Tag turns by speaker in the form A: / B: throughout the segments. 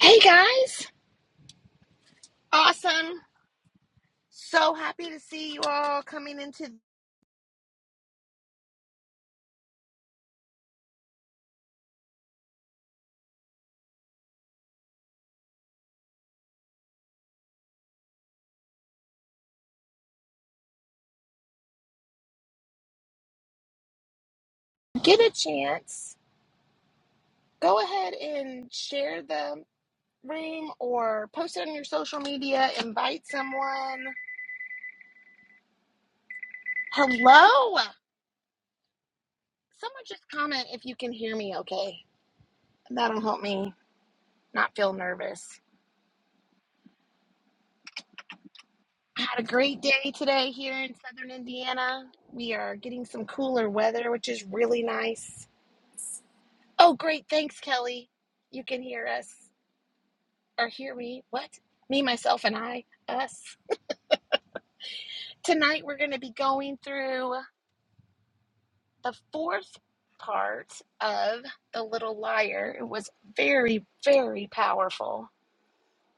A: Hey guys, awesome. So happy to see you all coming in to get a chance. Go ahead and share the room or post it on your social media, invite someone. Hello. Someone just comment if you can hear me okay. That'll help me not feel nervous. I had a great day today here in southern Indiana. We are getting some cooler weather, which is really nice. Oh, great. Thanks, Kelly. You can hear us. or hear me, what? Me, myself, and I, us. Tonight we're going to be going through the fourth part of The Little Liar. It was very, very powerful,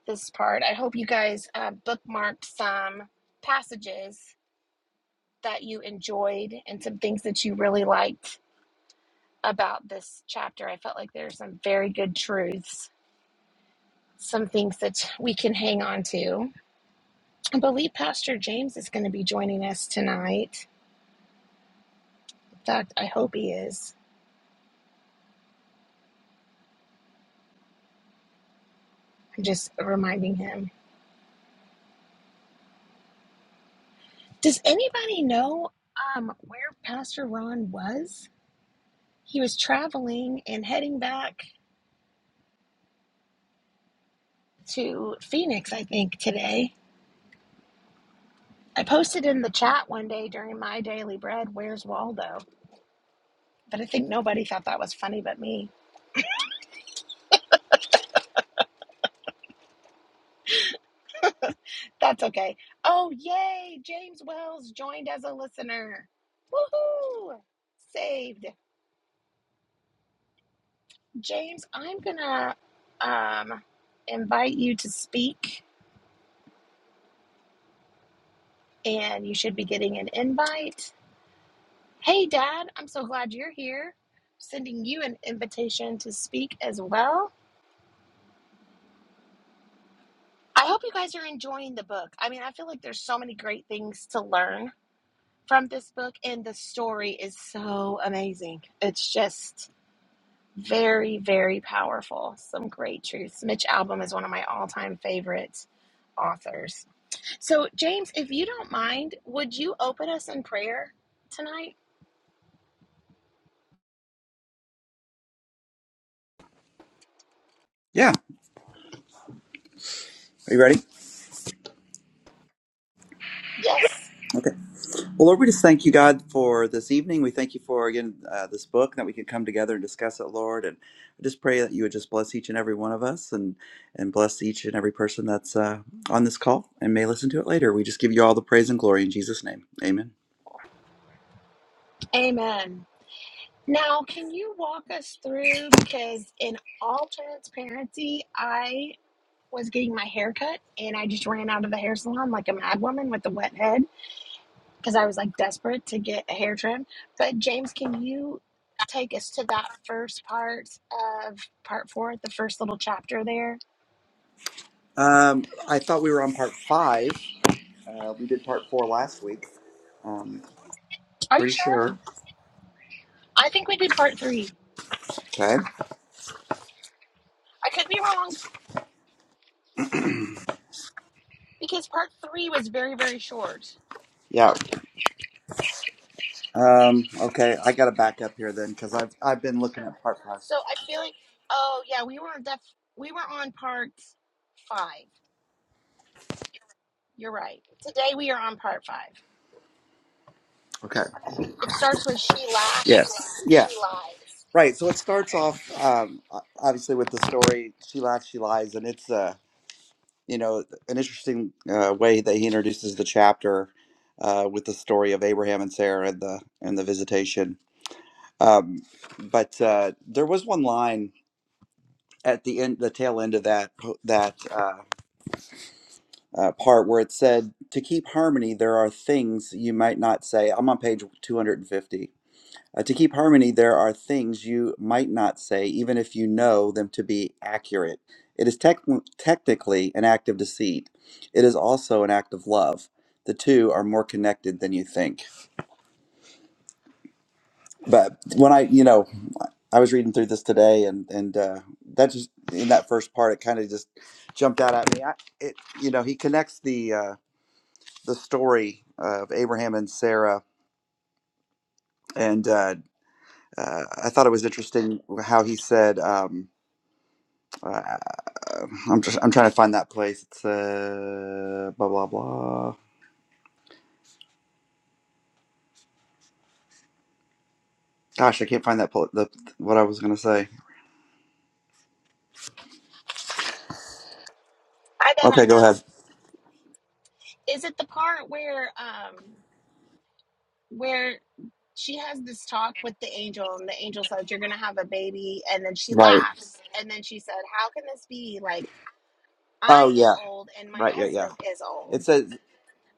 A: this part. I hope you guys uh, bookmarked some passages that you enjoyed and some things that you really liked about this chapter. I felt like there's some very good truths. Some things that we can hang on to. I believe Pastor James is going to be joining us tonight. In fact, I hope he is. I'm just reminding him. Does anybody know um, where Pastor Ron was? He was traveling and heading back to Phoenix, I think, today. I posted in the chat one day during my daily bread, Where's Waldo? But I think nobody thought that was funny but me. That's okay. Oh, yay! James Wells joined as a listener. Woohoo! Saved. James, I'm gonna um, invite you to speak and you should be getting an invite. Hey, Dad, I'm so glad you're here. Sending you an invitation to speak as well. I hope you guys are enjoying the book. I mean, I feel like there's so many great things to learn from this book, and the story is so amazing. It's just very, very powerful. Some great truths. Mitch Albom is one of my all time favorite authors. So, James, if you don't mind, would you open us in prayer tonight?
B: Yeah. Are you ready?
A: Yes.
B: Okay. Well, Lord, we just thank you, God, for this evening. We thank you for, again, uh, this book that we could come together and discuss it, Lord. And I just pray that you would just bless each and every one of us and, and bless each and every person that's uh, on this call and may listen to it later. We just give you all the praise and glory in Jesus' name. Amen.
A: Amen. Now, can you walk us through? Because in all transparency, I was getting my hair cut and I just ran out of the hair salon like a mad woman with a wet head because I was like desperate to get a hair trim. But, James, can you take us to that first part of part four, the first little chapter there?
B: Um, I thought we were on part five. Uh, we did part four last week. Um,
A: Are you
B: pretty
A: sure?
B: sure.
A: I think we did part three.
B: Okay.
A: I could be wrong because part three was very, very short.
B: Yeah. Um, okay. I got to back up here then because I've, I've been looking at part five.
A: So I feel like, oh, yeah, we were on, def- we were on part five. You're right. Today we are on part five.
B: Okay.
A: It starts with she laughs,
B: Yes.
A: she
B: Yeah.
A: lies.
B: Right. So it starts off um, obviously with the story "She Laughs, She Lies," and it's uh, you know an interesting uh, way that he introduces the chapter uh, with the story of Abraham and Sarah and the and the visitation. Um, but uh, there was one line at the end, the tail end of that that uh, uh, part where it said, "To keep harmony, there are things you might not say." I'm on page 250 Uh, to keep harmony, there are things you might not say, even if you know them to be accurate. It is tec- technically an act of deceit. It is also an act of love. The two are more connected than you think. But when I, you know, I was reading through this today, and and uh, that just in that first part, it kind of just jumped out at me. I, it, you know, he connects the uh, the story of Abraham and Sarah, and uh, uh, I thought it was interesting how he said. Um, Uh, I'm just I'm trying to find that place. It's uh blah blah blah. Gosh, I can't find that pl- the what I was gonna say.
A: I bet
B: Okay,
A: I
B: go
A: know.
B: ahead.
A: Is it the part where um where she has this talk with the angel and the angel says you're gonna have a baby and then she
B: Right.
A: laughs and then she said, How can this be? Like
B: Oh
A: I am
B: yeah.
A: old and my
B: Right. Yeah. Yeah.
A: husband is
B: It
A: old.
B: says.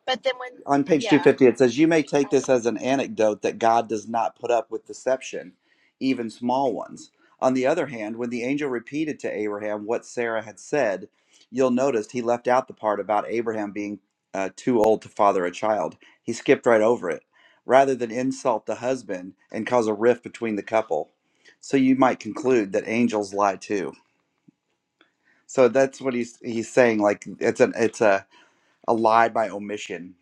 A: But then when
B: on page
A: yeah.
B: 250 it says you may
A: Did you
B: take
A: find it?
B: this as an anecdote that god does not put up with deception even small ones on the other hand when the angel repeated to abraham what sarah had said you'll notice he left out the part about abraham being uh, too old to father a child he skipped right over it rather than insult the husband and cause a rift between the couple so you might conclude that angels lie too so that's what he's he's saying like it's an it's a, a lie by omission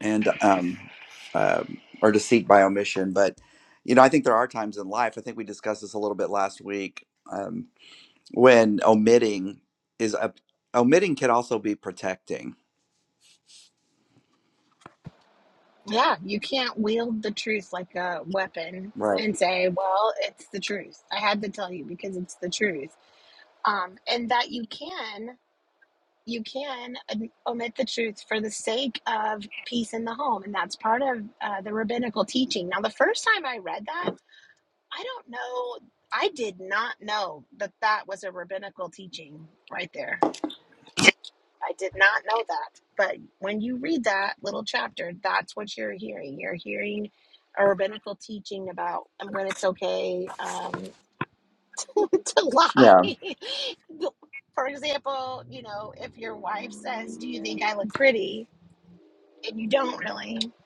B: and um, um or deceit by omission. But you know, I think there are times in life. I think we discussed this a little bit last week um, when omitting is a, omitting can also be protecting.
A: Yeah, you can't wield the truth like a weapon
B: Right.
A: and say, Well, it's the truth. I had to tell you because it's the truth um, and that you can you can omit the truth for the sake of peace in the home and that's part of uh, the rabbinical teaching now the first time i read that i don't know i did not know that that was a rabbinical teaching right there i did not know that but when you read that little chapter that's what you're hearing you're hearing a rabbinical teaching about um, when it's okay um, to lie.
B: Yeah.
A: For example, you know, if your wife says, Do you think I look pretty? and you don't really, you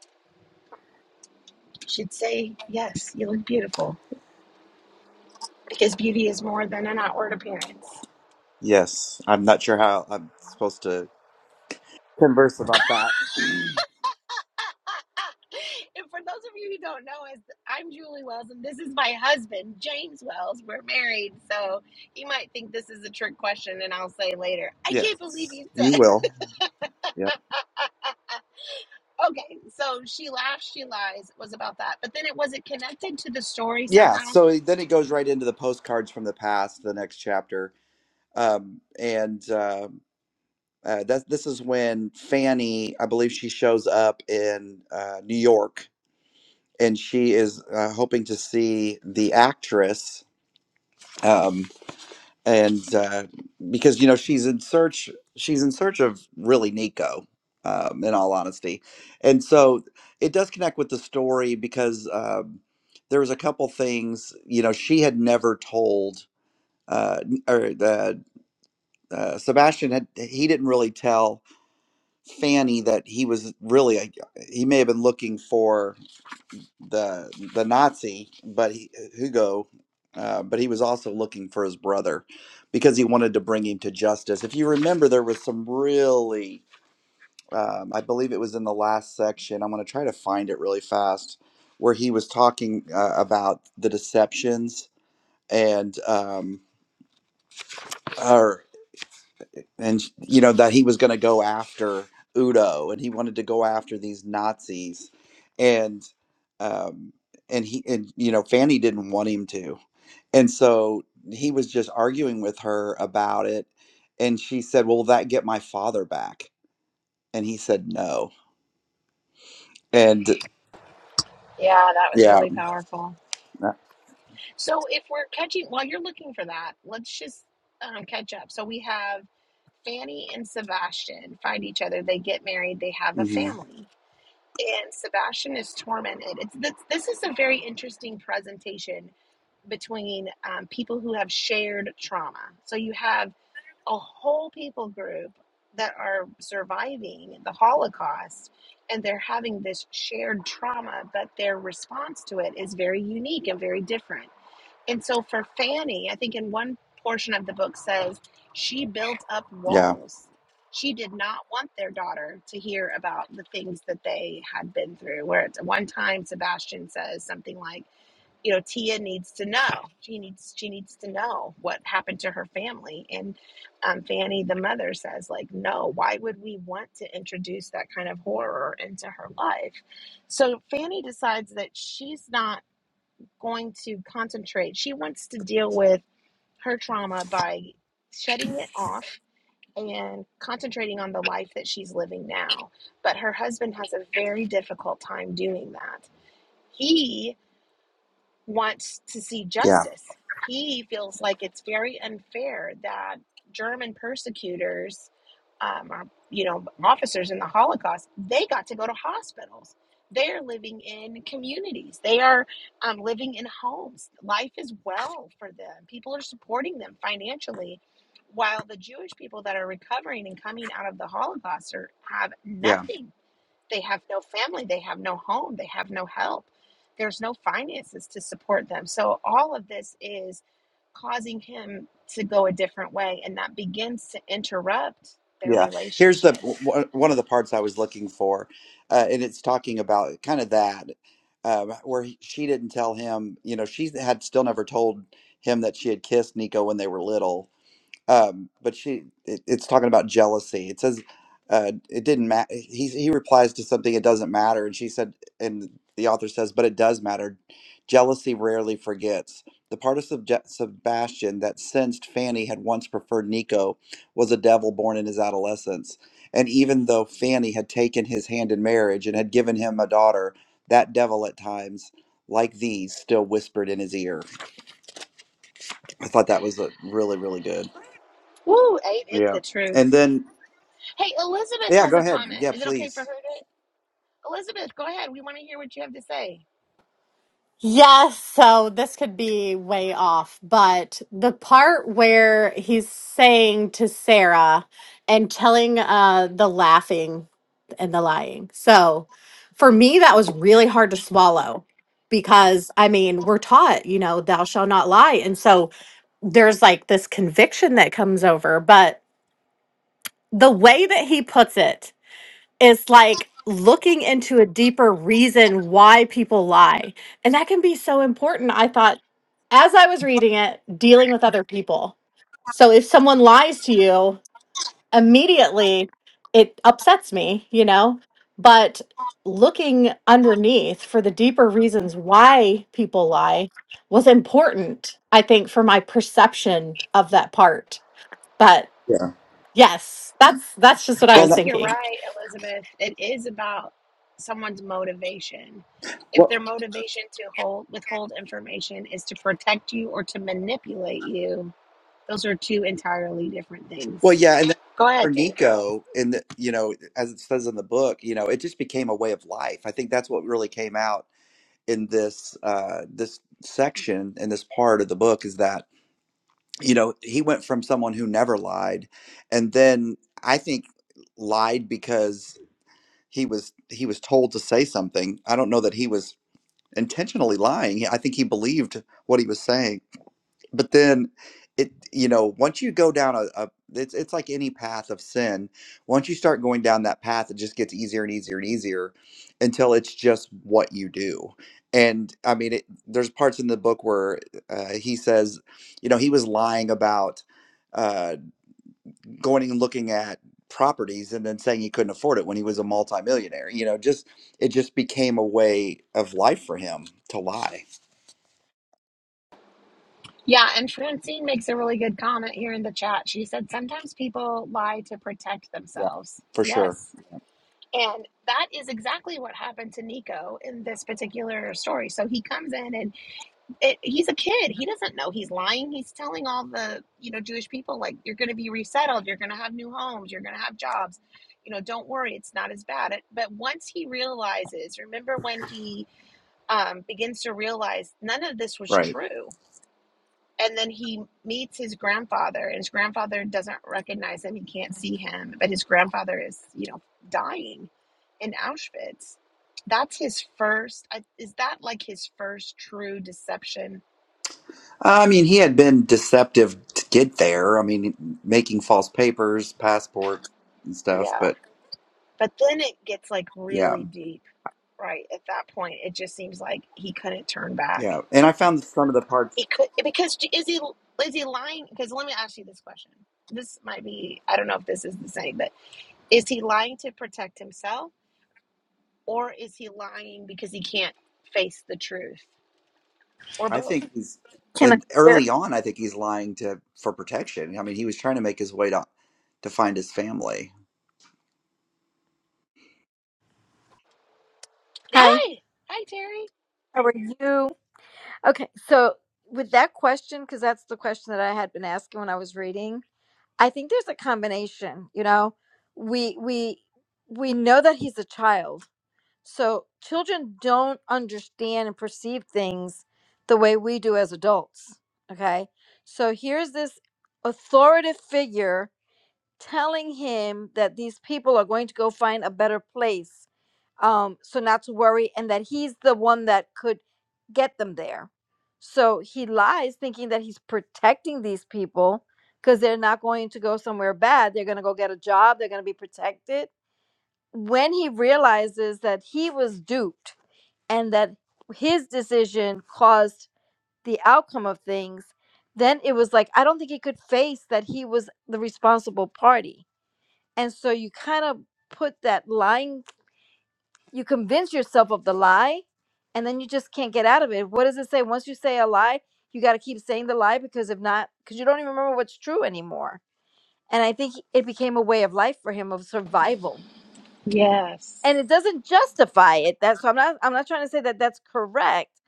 A: should say, Yes, you look beautiful. Because beauty is more than an outward appearance.
B: Yes. I'm not sure how I'm supposed to converse about that.
A: and for those of you who don't know us, I'm Julie Wells and this is my husband, James Wells. We're married, so you might think this is a trick question, and I'll say later, I
B: yes,
A: can't believe you
B: you will. Yeah.
A: Okay, so she laughs, she lies was about that, but then it was it connected to the story
B: Yeah.
A: somehow.
B: So then it goes right into the postcards from the past, the next chapter, um, and. uh, Uh, that this is when Fanny, I believe, she shows up in uh, New York, and she is uh, hoping to see the actress, um, and uh, because you know she's in search, she's in search of really Nico, um, in all honesty, and so it does connect with the story because um, there was a couple things you know she had never told, uh, n- or the uh, Sebastian had he didn't really tell Fanny that he was really like, he may have been looking for the the Nazi, but he, uh, Hugo, uh, but he was also looking for his brother because he wanted to bring him to justice. If you remember, there was some really, um, I believe it was in the last section. I'm going to try to find it really fast, where he was talking uh, about the deceptions and um, and you know that he was going to go after Udo and he wanted to go after these Nazis and um and he and you know Fanny didn't want him to and so he was just arguing with her about it and she said well will that get my father back and he said no and
A: Yeah, that was
B: yeah
A: really powerful. So if we're catching while you're looking for that, let's just um, catch up. So we have Fanny and Sebastian find each other. They get married. They have a
B: mhm
A: family, and Sebastian is tormented. It's this, this is a very interesting presentation between um, people who have shared trauma. So you have a whole people group that are surviving the Holocaust and they're having this shared trauma, but their response to it is very unique and very different. And so for Fanny, I think in one portion of the book says she built up
B: yeah
A: walls. She did not want their daughter to hear about the things that they had been through. Where at one time Sebastian says something like, you know tia needs to know she needs she needs to know what happened to her family and um, fanny the mother says like no why would we want to introduce that kind of horror into her life so fanny decides that she's not going to concentrate she wants to deal with her trauma by shutting it off and concentrating on the life that she's living now but her husband has a very difficult time doing that he wants to see
B: yeah
A: justice. He feels like it's very unfair that German persecutors, um, or, you know, officers in the Holocaust, they got to go to hospitals. They are living in communities. They are um, living in homes. Life is well for them. People are supporting them financially, while the Jewish people that are recovering and coming out of the Holocaust are, have
B: yeah
A: nothing they have no family, they have no home, they have no help. There's no finances to support them. So all of this is causing him to go a different way, and that begins to interrupt their
B: Yeah, here's the
A: relationship.
B: w- one of the parts I was looking for, uh, and it's talking about kind of that um, where he, she didn't tell him. You know, she had still never told him that she had kissed Nico when they were little, um, but she it, it's talking about jealousy it says uh, it didn't matter he, he replies to something it doesn't matter and she said and the author says but it does matter jealousy rarely forgets the part of Subje- sebastian that sensed fanny had once preferred nico was a devil born in his adolescence and even though fanny had taken his hand in marriage and had given him a daughter that devil at times like these still whispered in his ear i thought that was a, really really good
A: Woo, ain't it
B: yeah
A: the
B: and
A: truth?
B: then
A: Hey, Elizabeth
B: Yeah,
A: has
B: go
A: a
B: ahead.
A: comment.
B: Yeah,
A: Is it okay for her
B: please.
A: to? Elizabeth, go ahead. We want to hear what you have to say.
C: Yes, so this could be way off, but the part where he's saying to Sarah and telling uh the laughing and the lying. So for me that was really hard to swallow because I mean, we're taught, you know, thou shall not lie. And so there's like this conviction that comes over, but the way that he puts it is like looking into a deeper reason why people lie. And that can be so important. I thought as I was reading it, dealing with other people. So if someone lies to you, immediately it upsets me, you know? But looking underneath for the deeper reasons why people lie was important, I think, for my perception of that part. But
B: Yeah.
C: yes, that's that's just what I
A: I
B: Well,
C: was
B: that,
A: think you're
C: thinking.
A: right, Elizabeth. It is about someone's motivation. If
B: well,
A: their motivation to hold withhold information is to protect you or to manipulate you, those are two entirely different things.
B: well, yeah, and then
A: Go ahead,
B: for
A: James.
B: Nico, and the- you know, as it says in the book, you know, it just became a way of life. I think that's what really came out in this uh, this section in this part of the book is that you know he went from someone who never lied, and then I think lied because he was he was told to say something. I don't know that he was intentionally lying. I think he believed what he was saying but then it you know once you go down a, a it's, it's like any path of sin once you start going down that path it just gets easier and easier and easier until it's just what you do and i mean it, there's parts in the book where uh, he says you know he was lying about uh, going and looking at properties and then saying he couldn't afford it when he was a multimillionaire you know just it just became a way of life for him to lie
A: Yeah, and Francine makes a really good comment here in the chat. She said sometimes people lie to protect
B: yeah
A: themselves.
B: for sure
A: Yes. And that is exactly what happened to Nico in this particular story. So he comes in and it, he's a kid. He doesn't know he's lying. He's telling all the you know Jewish people like you're going to be resettled, you're going to have new homes, you're going to have jobs. You know, don't worry, it's not as bad. It, but once he realizes, remember when he um, begins to realize none of this was
B: Right.
A: true, and then he meets his grandfather, and his grandfather doesn't recognize him. He can't see him, but his grandfather is you know dying in Auschwitz. That's his first. I- Is that like his first true deception?
B: I mean, he had been deceptive to get there. I mean, making false papers, passports, and stuff.
A: yeah
B: But
A: But then it gets like
B: yeah,
A: really deep, right? At that point, it just seems like he couldn't turn back.
B: yeah. And I found some of the parts.
A: He could because is he is he lying? Because let me ask you this question. This might be I don't know if this is the same, but is he lying to protect himself, or is he lying because he can't face the truth, or
B: I
A: both?
B: think he's
D: Can I
B: and early
D: hear?
B: on, I think he's lying to for protection. I mean, he was trying to make his way to to find his family.
D: Hi.
A: Hi, hi, Terry.
D: How are you? Okay, so with that question, because that's the question that I had been asking when I was reading, I think there's a combination. You know, we we we know that he's a child, so children don't understand and perceive things the way we do as adults. Okay, so here's this authoritative figure telling him that these people are going to go find a better place um so not to worry and that he's the one that could get them there so he lies thinking that he's protecting these people because they're not going to go somewhere bad they're going to go get a job they're going to be protected when he realizes that he was duped and that his decision caused the outcome of things then it was like i don't think he could face that he was the responsible party and so you kind of put that lying, you convince yourself of the lie, and then you just can't get out of it. What does it say? Once you say a lie, you got to keep saying the lie because if not, because you don't even remember what's true anymore. And I think it became a way of life for him of survival.
A: Yes.
D: And it doesn't justify it. That's so I'm not I'm not trying to say that that's correct,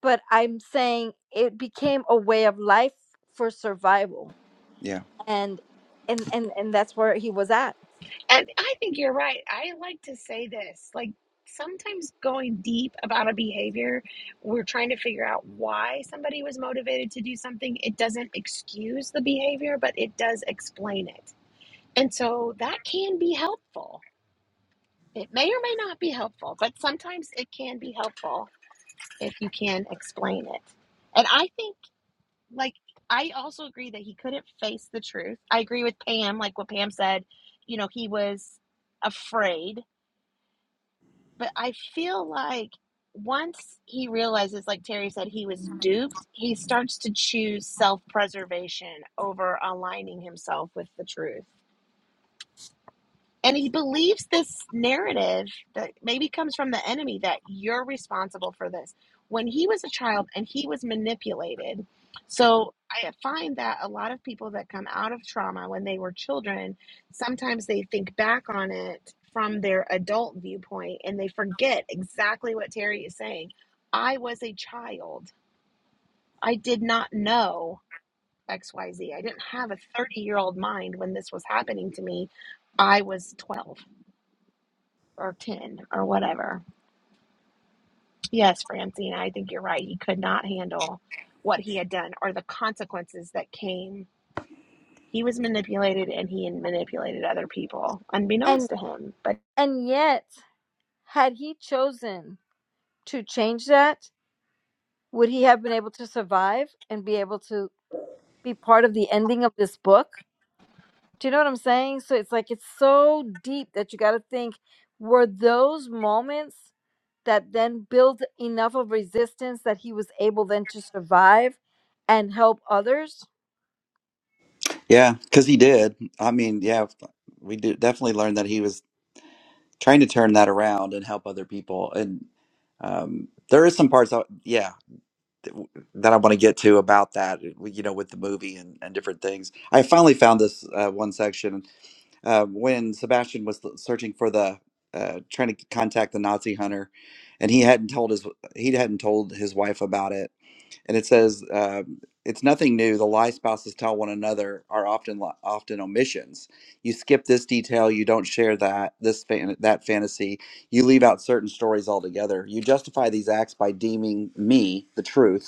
D: but I'm saying it became a way of life for survival.
B: Yeah,
D: And and and and that's where he was at.
A: And I think you're right. I like to say this like sometimes going deep about a behavior, we're trying to figure out why somebody was motivated to do something. It doesn't excuse the behavior, but it does explain it. And so that can be helpful. It may or may not be helpful, but sometimes it can be helpful if you can explain it. And I think, like, I also agree that he couldn't face the truth. I agree with Pam, like what Pam said, you know, he was afraid but I feel like once he realizes, like Terry said, he was duped, he starts to choose self preservation over aligning himself with the truth. And he believes this narrative that maybe comes from the enemy that you're responsible for this. When he was a child and he was manipulated. So I find that a lot of people that come out of trauma when they were children, sometimes they think back on it from their adult viewpoint and they forget exactly what Terry is saying. I was a child. I did not know X, Y Z. I didn't have a 30 year old mind when this was happening to me. I was 12 or 10 or whatever. Yes, Francina, I think you're right. He could not handle what he had done or the consequences that came. He was manipulated and he manipulated other people
D: And
A: unbeknownst to him. But
D: and yet Had he chosen to change that, would he have been able to survive and be able to be part of the ending of this book? Do you know what I'm saying? So it's like it's so deep that you got to think were those moments that then built enough of resistance that he was able then to survive and help others?
B: yeah, because he did. I mean, yeah, we did definitely learned that he was trying to turn that around and help other people. And um, there is some parts. That, yeah, that I want to get to about that, you know, with the movie and, and different things. I finally found this uh, one section uh, when Sebastian was searching for the, uh, trying to contact the Nazi hunter, and he hadn't told his he hadn't told his wife about it. And it says um, it's nothing new. The lie spouses tell one another are often li- often omissions. You skip this detail. You don't share that this fan, that fantasy. You leave out certain stories altogether. You justify these acts by deeming me the truth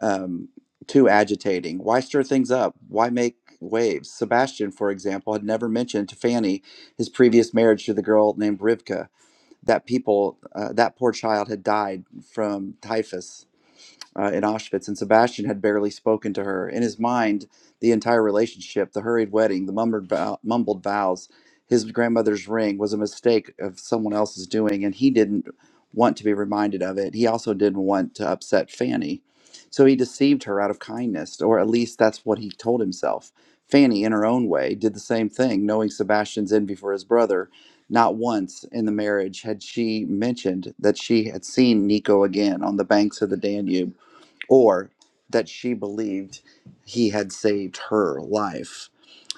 B: um, too agitating. Why stir things up? Why make waves? Sebastian, for example, had never mentioned to Fanny his previous marriage to the girl named Rivka. That people, uh, that poor child had died from typhus uh, in Auschwitz, and Sebastian had barely spoken to her. In his mind, the entire relationship, the hurried wedding, the mumbled, vow, mumbled vows, his grandmother's ring was a mistake of someone else's doing, and he didn't want to be reminded of it. He also didn't want to upset Fanny. So he deceived her out of kindness, or at least that's what he told himself. Fanny, in her own way, did the same thing, knowing Sebastian's envy for his brother. Not once in the marriage had she mentioned that she had seen Nico again on the banks of the Danube or that she believed he had saved her life.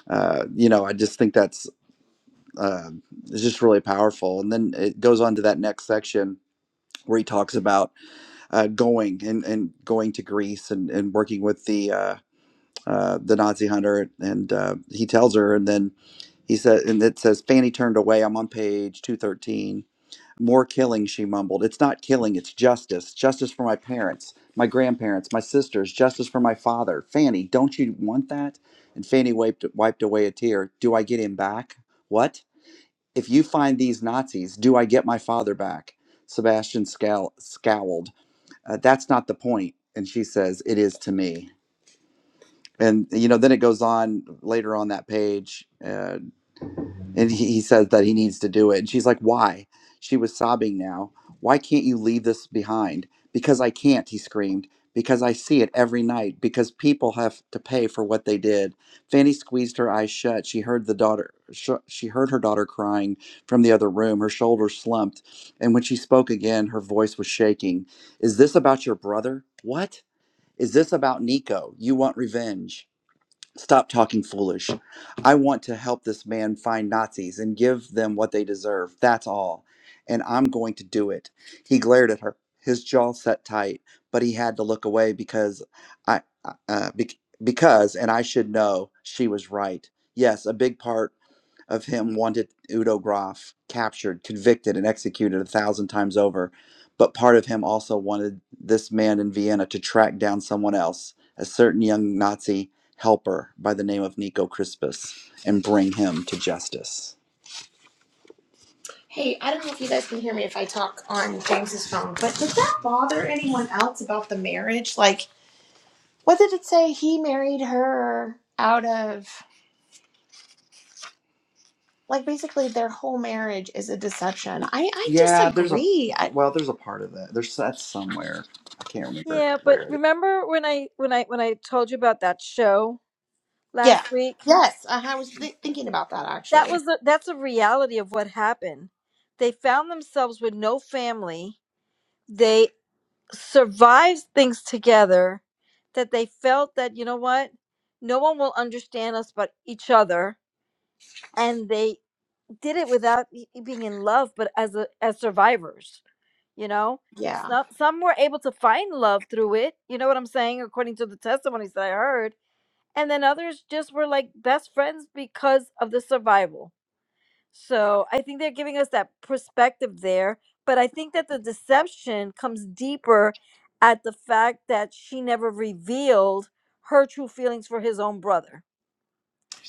B: Uh, you know, I just think that's uh, it's just really powerful. And then it goes on to that next section where he talks about uh, going and, and going to Greece and, and working with the uh, uh, the Nazi hunter. And uh, he tells her, and then he said, and it says Fanny turned away. I'm on page two thirteen more killing, she mumbled. It's not killing, it's justice. Justice for my parents, my grandparents, my sisters, justice for my father. Fanny, don't you want that? And Fanny wiped, wiped away a tear. Do I get him back? What? If you find these Nazis, do I get my father back? Sebastian scowl, scowled. Uh, that's not the point. And she says, it is to me. And, you know, then it goes on later on that page. Uh, and he, he says that he needs to do it. And she's like, Why? She was sobbing now. Why can't you leave this behind? Because I can't, he screamed. Because I see it every night. Because people have to pay for what they did. Fanny squeezed her eyes shut. She heard the daughter. Sh- she heard her daughter crying from the other room. Her shoulders slumped, and when she spoke again, her voice was shaking. Is this about your brother? What? Is this about Nico? You want revenge? Stop talking foolish. I want to help this man find Nazis and give them what they deserve. That's all. And I'm going to do it. He glared at her, his jaw set tight, but he had to look away because I, uh, uh, bec- because, and I should know, she was right. Yes, a big part of him wanted Udo Graf captured, convicted, and executed a thousand times over. But part of him also wanted this man in Vienna to track down someone else, a certain young Nazi helper by the name of Nico Crispus, and bring him to justice. Hey, I don't know if you guys can hear me if I talk on James's phone, but did that bother anyone else about the marriage? Like, what did it say? He married her out of. like basically their whole marriage is a deception. I I Yeah, there's a disagree. I, well, there's a part of that. There's that's somewhere. I can't remember
D: Yeah,
B: where
D: but
B: it is.
D: remember when I when I when I told you about that show
B: yeah.
D: last week?
B: Yes, I, I was th- thinking about that
D: that
B: actually.
D: was the, that's the reality of what happened. They found themselves with no family. They survived things together that they felt that you know what, no one will understand us but each other, and they did it without e- e, being in love, but as a, as survivors, you know.
B: Yeah.
D: Some some were able to find love through it. You know what I'm saying, according to the testimonies that I heard, and then others just were like best friends because of the survival So I think they're giving us that perspective there. But I think that the deception comes deeper at the fact that she never revealed her true feelings for his own brother.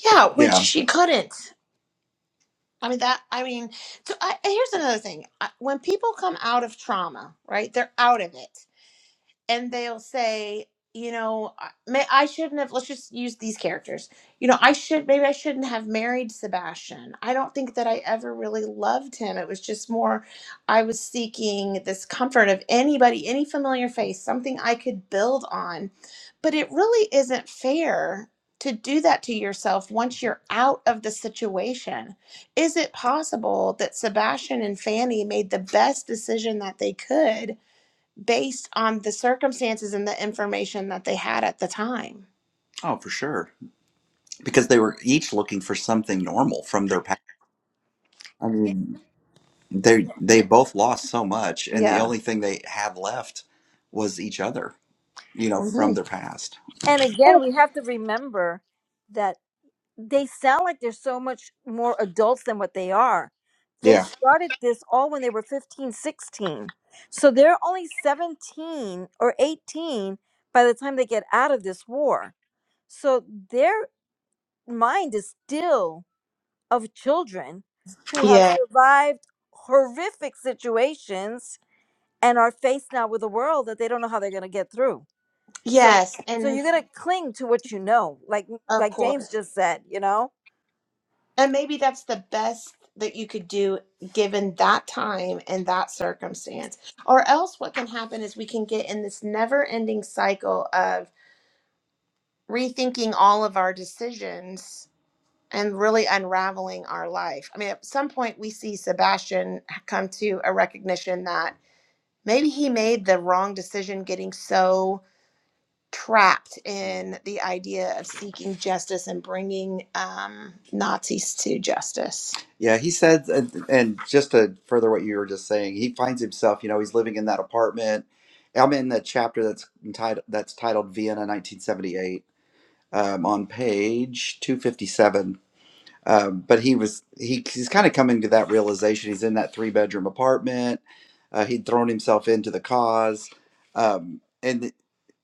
B: Yeah, which Yeah. she couldn't. I mean that I mean so I, and here's another thing. I, when people come out of trauma, right? They're out of it. and they'll say, you know, I- may I shouldn't have. Let's just use these characters. You know, I should maybe I shouldn't have married Sebastian. I don't think that I ever really loved him. It was just more I was seeking this comfort of anybody, any familiar face, something I could build on. But it really isn't fair to do that to yourself once you're out of the situation. Is it possible that Sebastian and Fanny made the best decision that they could based on the circumstances and the information that they had at the time. Oh, for sure. Because they were each looking for something normal from their past. I
D: Yeah.
B: mean, they they both lost so much, and the Yeah. only thing they have left was each other. You know, from hmm their past.
D: And again,
B: Mhm.
D: we have to remember that they sound like they're so much more adults than what they are. They
B: Yeah.
D: started this all when they were 15, 16, So they're only 17 or 18 by the time they get out of this war. So they're mind is still of children who have
B: Yeah.
D: survived horrific situations and are faced now with a world that they don't know how they're going to get through. So
B: Yes.
D: so
B: And
D: you're going to cling to what you know, like
B: of
D: like James
B: course.
D: just said, you know?
B: And maybe that's the best that you could do given that time and that circumstance. Or else what can happen is we can get in this never ending cycle of rethinking all of our decisions and really unraveling our life. I mean, at some point, we see Sebastian come to a recognition that maybe he made the wrong decision getting so trapped in the idea of seeking justice and bringing um, Nazis to justice. Yeah, he said, and, and just to further what you were just saying, he finds himself, you know, he's living in that apartment. I'm in the chapter that's entitled that's titled Vienna 1978 um, on page 257 um, but he was he, he's kind of coming to that realization. He's in that three bedroom apartment. Uh, he'd thrown himself into the cause, um, and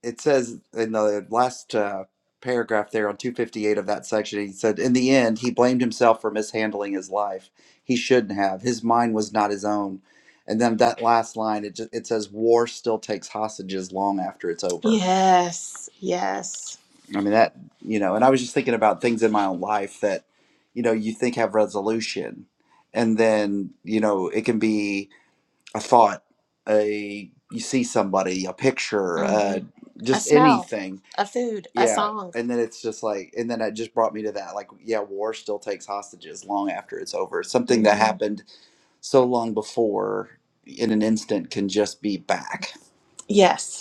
B: it says in the last uh, paragraph there on 258 of that section, he said, "In the end, he blamed himself for mishandling his life. He shouldn't have. His mind was not his own." And then that last line, it just, it says, "War still takes hostages long after it's over." Yes, yes. I mean that you know, and I was just thinking about things in my own life that you know you think have resolution and then you know it can be a thought a you see somebody a picture uh, hmm A just smell, anything a food, a yeah song. and then it's just like and then it just brought me to that like yeah war still takes hostages long after it's over something that hmm happened so long before in an instant can just be back Yes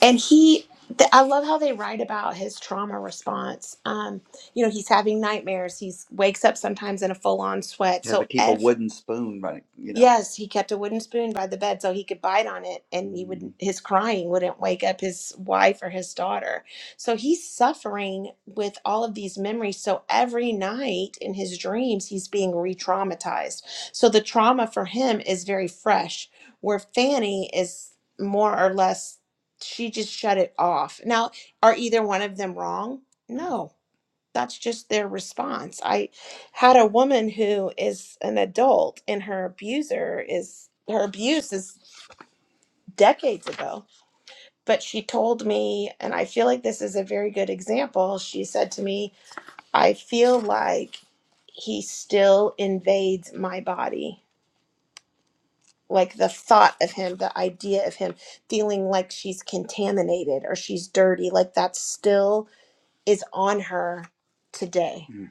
B: and he th- i love how they write about his trauma response um you know he's having nightmares he's wakes up sometimes in a full-on sweat Had to so keep a ev wooden spoon, right? You know. yes he kept a wooden spoon by the bed so he could bite on it and he Mm, would Mhm. his crying wouldn't wake up his wife or his daughter so he's suffering with all of these memories so every night in his dreams he's being re-traumatized so the trauma for him is very fresh where fanny is more or less she just shut it off. Now, are either one of them wrong? No, that's just their response. I had a woman who is an adult and her abuser is her abuse is decades ago, but she told me, and I feel like this is a very good example. She said to me, I feel like he still invades my body. Like the thought of him, the idea of him feeling like she's contaminated or she's dirty, like that's still is on her today. Mm.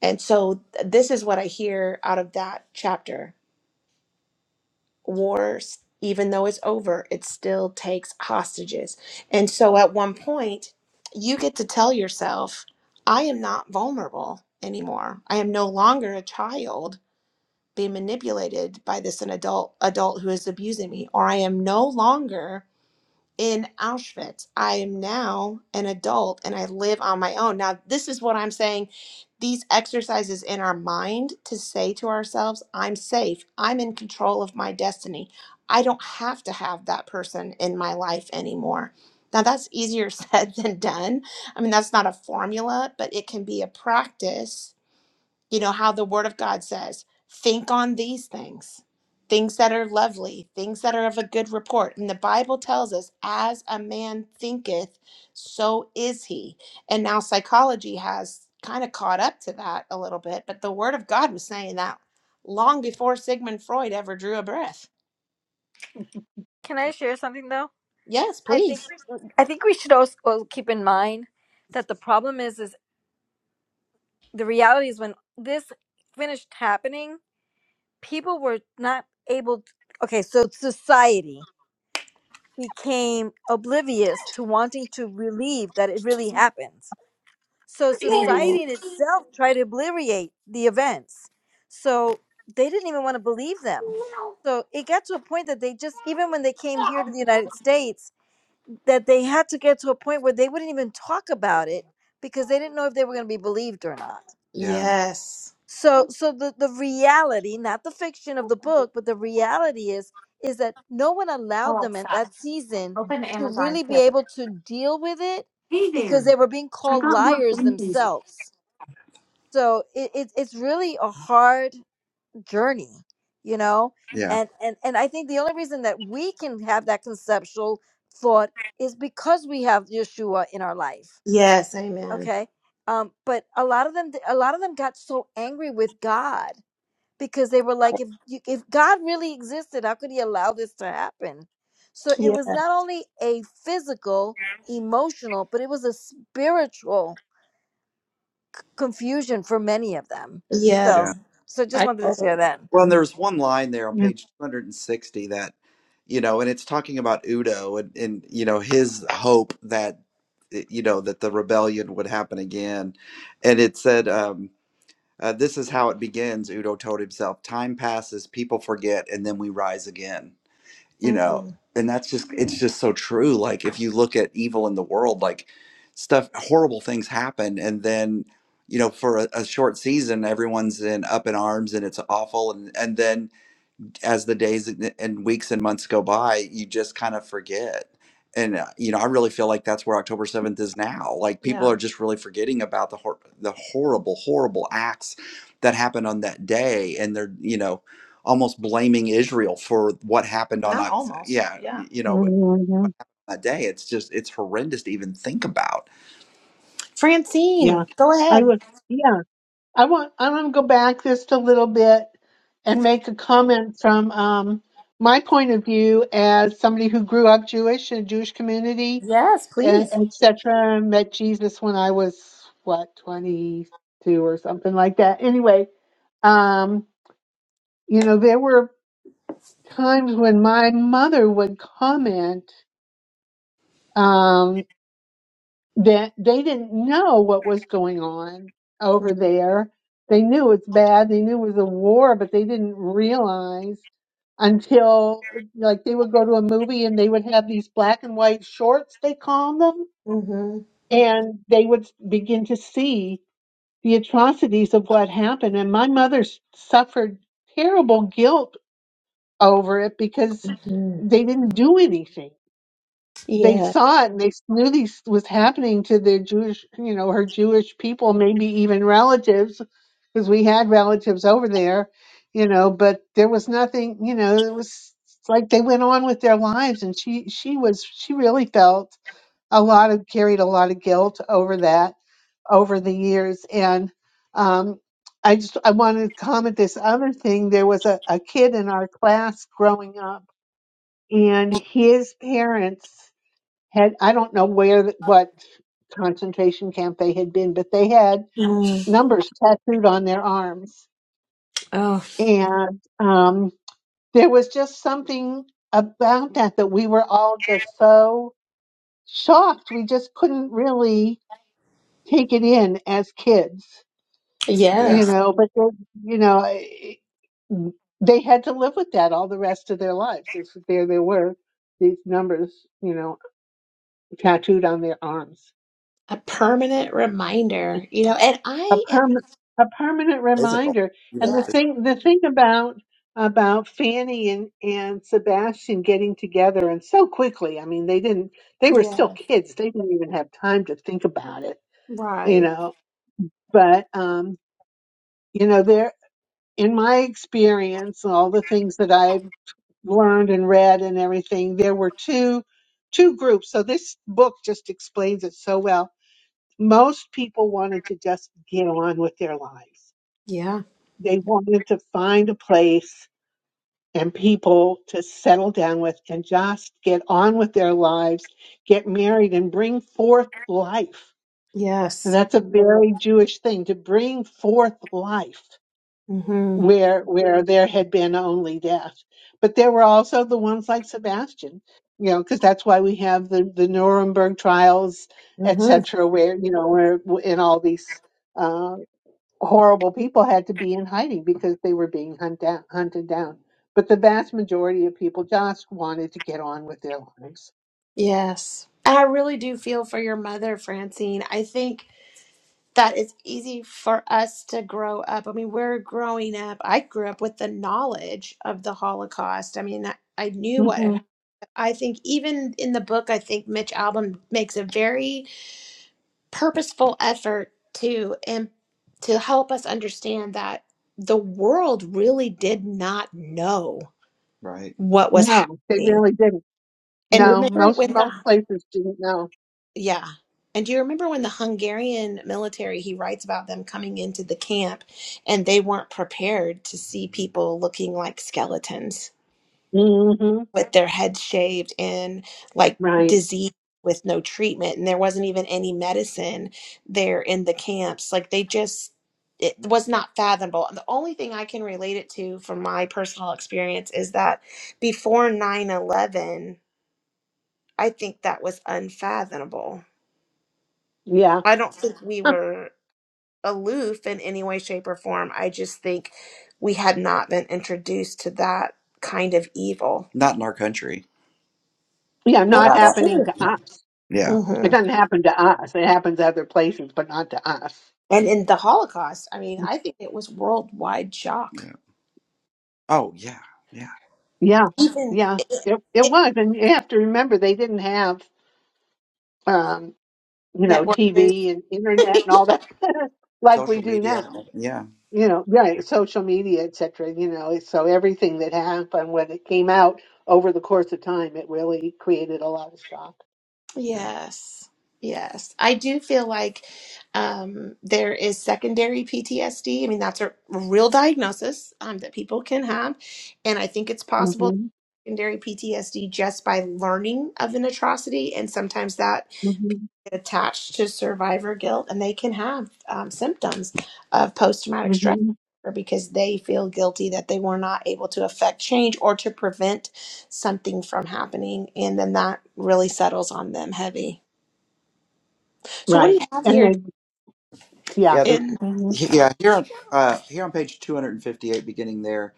B: And so th- this is what I hear out of that chapter. Wars, even though it's over, it still takes hostages. And so at one point, you get to tell yourself, I am not vulnerable anymore. I am no longer a child being manipulated by this an adult adult who is abusing me or I am no longer in Auschwitz. I am now an adult and I live on my own. Now, this is what I'm saying these exercises in our mind to say to ourselves, I'm safe, I'm in control of my destiny. I don't have to have that person in my life anymore. Now, that's easier said than done. I mean, that's not a formula, but it can be a practice you know how the word of god says think on these things things that are lovely things that are of a good report and the bible tells us as a man thinketh so is he and now psychology has kind of caught up to that a little bit but the word of god was saying that long before sigmund freud ever drew a breath
D: Can I
B: Yeah.
D: share something though?
B: yes
D: I think
B: please
D: we- I think we should also also keep in mind that the problem is is the reality is when this finished happening, people were not able to, okay, so society became oblivious to wanting to relieve that it really happens. So
B: Mhm.
D: society in itself tried to obliterate the events. So they didn't even want to believe them. So it got to a point that they just, even when they came here to the United States, that they had to get to a point where they wouldn't even talk about it because they didn't know if they were going to be believed or not
B: Yeah. yes
D: so so the the reality not the fiction of the book but the reality is is that no one allowed them at that season to really be able to deal with it because they were being called liars themselves so it, it it's really a hard journey you know
B: Yeah.
D: and and and i think the only reason that we can have that conceptual thought is because we have yeshua in our life
B: yes amen
D: okay um but a lot of them a lot of them got so angry with god because they were like if you, if god really existed how could he allow this to happen so it
B: yeah
D: was not only a physical emotional but it was a spiritual confusion for many of them
B: yes Yeah.
D: so so just
B: I
D: wanted to
B: totally
D: share that
B: Well, and
E: Mm,
B: there's one line there on
E: Yeah,
B: page 260 that, you know, and it's talking about Udo and, and you know, his hope that, eh, you know, that the rebellion would happen again. And it said, um, uh, this is how it begins, Udo told himself. Time passes, people forget, and then we rise again you know Mhm. and that's just it's just so true like if you look at evil in the world like stuff horrible things happen and then you know for a, a short season everyone's in up in arms and it's awful and and then as the days and weeks and months go by, you just kind of forget. And uh, you know, I really feel like that's where October seventh is now. Like people Yeah. are just really forgetting about the hor- the horrible, horrible acts that happened on that day, and they're you know almost blaming Israel for what happened on Not Oc- almost. yeah Yeah. you know but
E: Mhm. yeah. yeah.
B: that day. It's just it's horrendous to even think about. Francine,
E: Yeah.
B: go
E: I
B: ahead.
E: would. Yeah, I want. I want to go back just a little bit and make a comment from um, my point of view as somebody who grew up Jewish in a Jewish community,
B: Yes, please.
E: etc. Met Jesus when I was what twenty two or something like that. Anyway, um, you know, there were times when my mother would comment. Um, that they didn't know what was going on over there. They knew it's bad. They knew it was a war, but they didn't realize until like they would go to a movie and they would have these black and white shorts, they call them,
B: Mm-hmm.
E: and they would begin to see the atrocities of what happened. And my mother s- suffered terrible guilt over it because
B: Mm.
E: they didn't do anything they
B: Yeah.
E: saw it and they knew this was happening to their Jewish, you know, her Jewish people, maybe even relatives, because we had relatives over there, you know, but there was nothing, you know, it was like they went on with their lives and she she was she really felt a lot of carried a lot of guilt over that over the years and um I just I wanted to comment this other thing there was a, a kid in our class growing up and his parents had I don't know where th- what concentration camp they had been, but they had
B: Mm.
E: numbers tattooed on their arms,
B: Oh,
E: and um, there was just something about that that we were all just so shocked. We just couldn't really take it in as kids,
B: Yes. Yeah.
E: you know. But then, you know, it- they had to live with that all the rest of their lives. If there they were, these numbers, you know, tattooed on their arms.
B: a permanent reminder, you know, and
E: a
B: I am,
E: permanent a permanent
B: Physical,
E: reminder.
B: even
E: And
B: yeah,
E: the
B: physical.
E: thing the thing about about Fanny and and Sebastian getting together and so quickly. I mean, they didn't they were still
B: yeah,
E: kids. They didn't even have time to think about it, you
B: right.
E: know. But um, you know, there in my experience, all the things that I've learned and read and everything, there were two two groups. So this book just explains it so well. Most people wanted to just get on with their lives
B: Yes.
E: They wanted to find a place and people to settle down with and just get on with their lives, get married, and bring forth life. And that's a very Jewish thing to bring forth life
B: hmm
E: where where there had been only death. But there were also the ones like Sebastian, you know, because that's why we have the the Nuremberg trials,
B: hmm
E: etc., where you know where in all these. uh, horrible people had to be in hiding because they were being hunt down, hunted down. But the vast majority of people just wanted to get on with their lives.
B: Yes. And I really do feel for your mother, Francine. I think that it's easy for us to grow up. I mean, we're growing up. I grew up with the knowledge of the Holocaust. I mean, I, I knew what had
E: hmm
B: happened. I think even in the book, I think Mitch Album makes a very purposeful effort to and to help us understand that the world really did not know Right. what was
E: No, they
B: happening.
E: really didn't.
B: And
E: No,
B: remember
E: most
B: when the
E: most places didn't know.
B: yeah. And do you remember when the Hungarian military he writes about them coming into the camp and they weren't prepared to see people looking like skeletons?
E: hmm
B: with their heads shaved and like
E: Right?
B: disease with no treatment and there wasn't even any medicine there in the camps like they just it was not fathomable the only thing i can relate it to from my personal experience is that before nine eleven, i think that was unfathomable
E: Yeah,
B: i don't think we were aloof in any way shape or form i just think we had not been introduced to that kind of evil Not in our country.
E: yeah.
B: well
E: Not
B: Not, our- that's
E: happening to
B: true
E: us.
B: Yeah.
E: It
B: hmm
E: doesn't happen to us. It happens other places, but not to us.
B: And in the Holocaust, I mean, I think it was worldwide shock. Yeah. Oh, yeah. Yeah.
E: Yeah,
B: Even
E: yeah.
B: it,
E: It it
B: it,
E: was, and you have to remember they didn't have, um, you know,
B: networking.
E: TV and internet and all that like we
B: Social
E: do
B: media.
E: now
B: and- Yeah.
E: you know,
B: Yeah.
E: right, social media, et cetera, you know, so everything that happened when it came out over the course of time, it really created a lot of shock.
B: Yeah. yes, yes. I do feel like um, there is secondary PTSD. I mean, that's a real diagnosis um, that people can have. And I think it's possible
E: hmm
B: secondary PTSD just by learning of an atrocity. And sometimes that
E: hmm
B: attached to survivor guilt and they can have um, symptoms of post-traumatic stress
E: hmm
B: disorder because they feel guilty that they were not able to affect change or to prevent something from happening and then that really settles on them heavy so what do you
E: Right.
B: have
E: And
B: here
E: then, yeah.
B: Yeah, there, in
E: Mm-hmm.
B: yeah. Here on uh, here on page two hundred and fifty-eight, beginning there.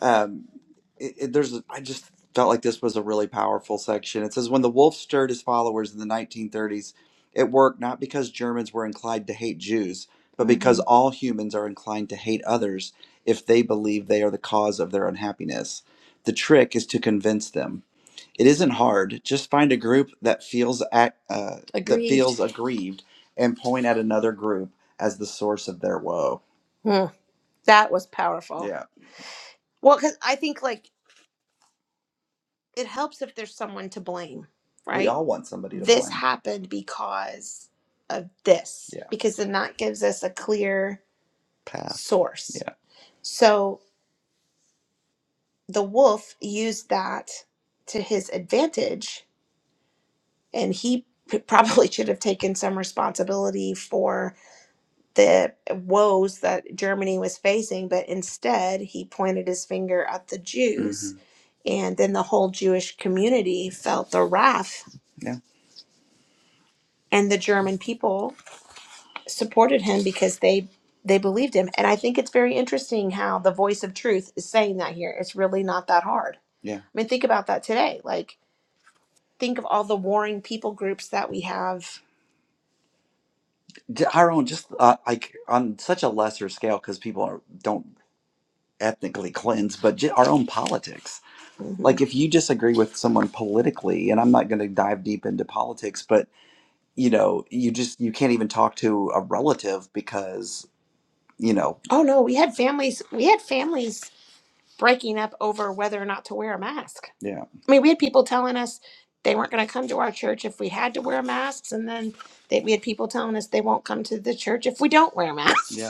B: um, it, it, there's a- I just felt like this was a really powerful section. It says when the wolf stirred his followers in the 1930s, it worked not because Germans were inclined to hate Jews, but because hmm all humans are inclined to hate others if they believe they are the cause of their unhappiness. The trick is to convince them. It isn't hard. Just find a group that feels ac uh, that Aggrieved. feels aggrieved and point at another group as the source of their woe. Hmm, that was powerful. Yeah. Well, because I think like it helps if there's someone to blame, We right? all want somebody to This blame. happened because of this, Yeah. because then that gives us a clear Path. source. Yeah. So the wolf used that to his advantage, and he p- probably should have taken some responsibility for the woes that Germany was facing, but instead he pointed his finger at the Jews, hmm and then the whole Jewish community felt the wrath and the German people supported him because they they believed him. And I think it's very interesting how the voice of truth is saying that here. It's really not that hard. Yeah. I mean, think about that today. Like, think of all the warring people groups that we have. D- Hiram, just uh, like on such a lesser scale, because people are, don't ethnically cleanse, but j- our own politics. hmm like if you disagree with someone politically and i'm not going to dive deep into politics but you know you just you can't even talk to a relative because. you know, Oh no, we had families. We had families breaking up over whether or not to wear a mask. yeah, I mean, we had people telling us they weren't going to come to our church if we had to wear masks, and then they, we had people telling us they won't come to the church if we don't wear masks. yeah,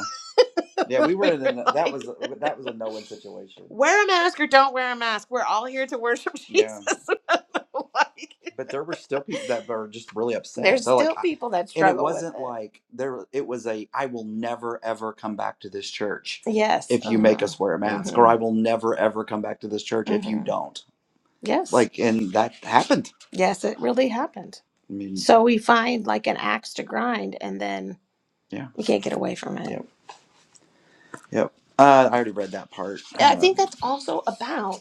B: yeah. We were we in were a, that like, was a, that was a no win situation. wear a mask or don't wear a mask. We're all here to worship Yeah, Jesus. like but there were still people that were just really upset. there's So like, still I- people that struggle. with it. and it struggle with wasn't like there. It was a I will never ever come back to this church Yes. if you make Uh-huh. make us wear a mask, or Mm-hmm. or I will never ever come back to this church mm-hmm. if you Mm-hmm. don't. Yes. Like, and that happened. Yes, it really happened. I mean, So we find like an axe to grind and then yeah, you can't get away from it. yep, yep. Uh, I already read that part. Yeah, I think Um, that's also about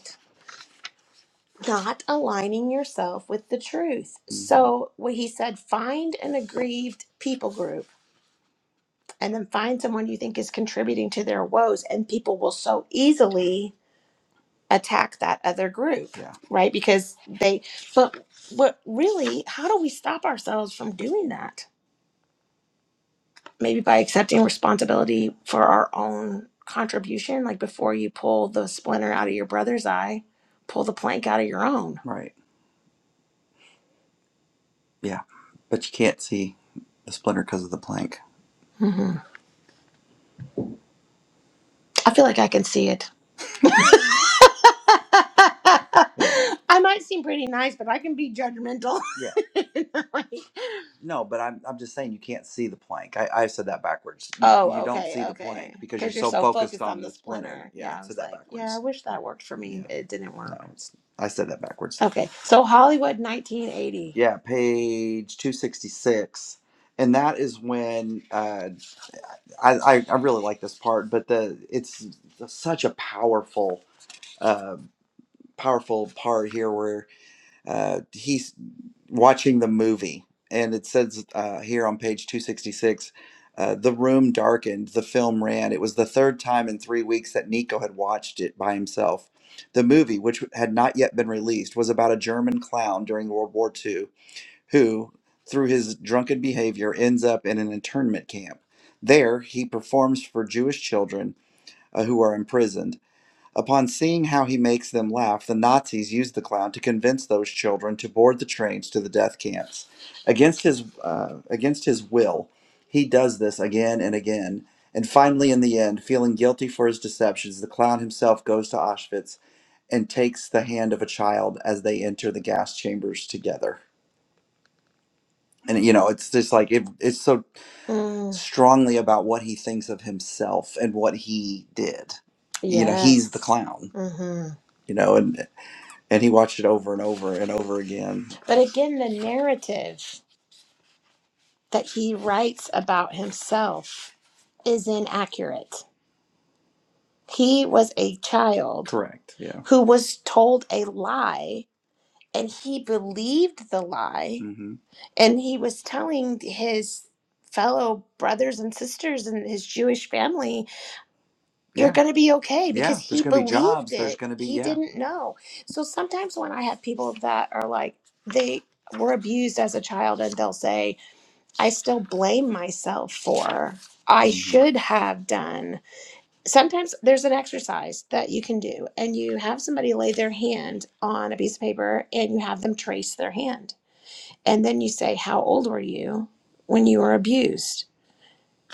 B: not aligning yourself with the truth. hmm So what he said, find an aggrieved people group and then find someone you think is contributing to their woes and people will so easily attack that other group, Yeah. right? Because they but what really, how do we stop ourselves from doing that? Maybe by accepting responsibility for our own contribution, like before you pull the splinter out of your brother's eye, pull the plank out of your own. Right. Yeah, but you can't see the splinter because of the plank. hmm I feel like I can see it. I might seem pretty nice, but I can be judgmental. yeah. Like, No, but I'm I'm just saying you can't see the plank. I I said that backwards. You you oh, you don't okay, see the plank okay. plank because you're you're so so focused focused on on the splinter. splinter. Yeah, I Yeah, I I said was that like, yeah, I wish that worked for me. Yeah, It didn't work. no, I said that backwards. Okay, so Hollywood 1980. Yeah, page 266. And that is when uh I, I, I really like this part, but the it's such a powerful, uh, powerful part here where uh, he's watching the movie, and it says uh, here on page two sixty six, uh, the room darkened. The film ran. It was the third time in three weeks that Nico had watched it by himself. The movie, which had not yet been released, was about a German clown during World War Two who, through his drunken behavior, ends up in an internment camp. There, he performs for Jewish children uh, who are imprisoned. Upon seeing how he makes them laugh, the Nazis use the clown to convince those children to board the trains to the death camps. Against his, uh, against his will, he does this again and again. And finally, in the end, feeling guilty for his deceptions, the clown himself goes to Auschwitz and takes the hand of a child as they enter the gas chambers together and you know it's just like it, it's so Mm, strongly about what he thinks of himself and what he did you know he's the yes. clown hmm you know and and he watched it over and over and over again But again, the narrative that he writes about himself is inaccurate. He was a child correct yeah who was told a lie and he believed the lie hmm and he was telling his fellow brothers and sisters and his Jewish family, you're Yeah. going to be okay because Yeah. There's he going to be believed jobs. There's it. going to be, He yeah. didn't know. So sometimes when I have people that are like, they were abused as a child and they'll say, I still blame myself for, I hmm should have done. Sometimes there's an exercise that you can do, and you have somebody lay their hand on a piece of paper and you have them trace their hand and then you say, How old were you when you were abused?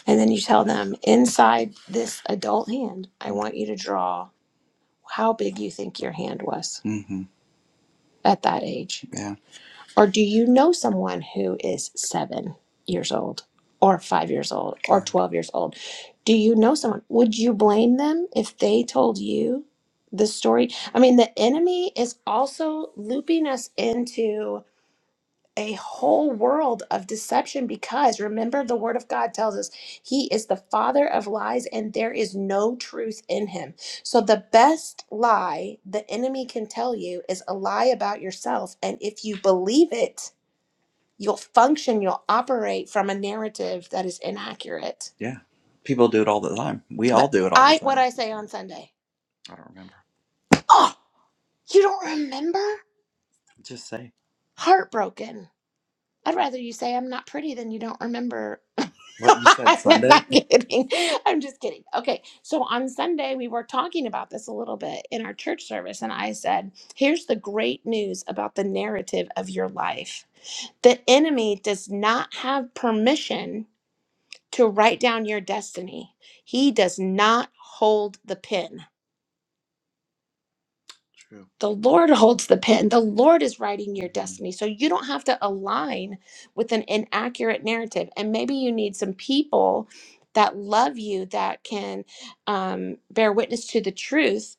B: And then you tell them, Inside this adult hand, I want you to draw how big you think your hand was Mm-hmm. at that age. Yeah. Or do you know someone who is seven years old, or five years old, or Right. 12 years old? Do you know someone? Would you blame them if they told you the story? I mean, the enemy is also looping us into. a whole world of deception because remember the word of God tells us he is the father of lies and there is no truth in him. So the best lie the enemy can tell you is a lie about yourself and if you believe it, you'll function, you'll operate from a narrative that is inaccurate. Yeah. People do it all the time. We all But do it all the I what time. I say on Sunday. I don't remember. Oh, you don't remember? Just say. Heartbroken. I'd rather you say I'm not pretty than you don't remember. What you said I'm Sunday? not kidding. I'm just kidding. Okay. So on Sunday, we were talking about this a little bit in our church service. And I said, here's the great news about the narrative of your life the enemy does not have permission to write down your destiny, he does not hold the pen. True. The Lord holds the pen. The Lord is writing your Mm-hmm. destiny. So you don't have to align with an inaccurate narrative. And maybe you need some people that love you that can um, bear witness to the truth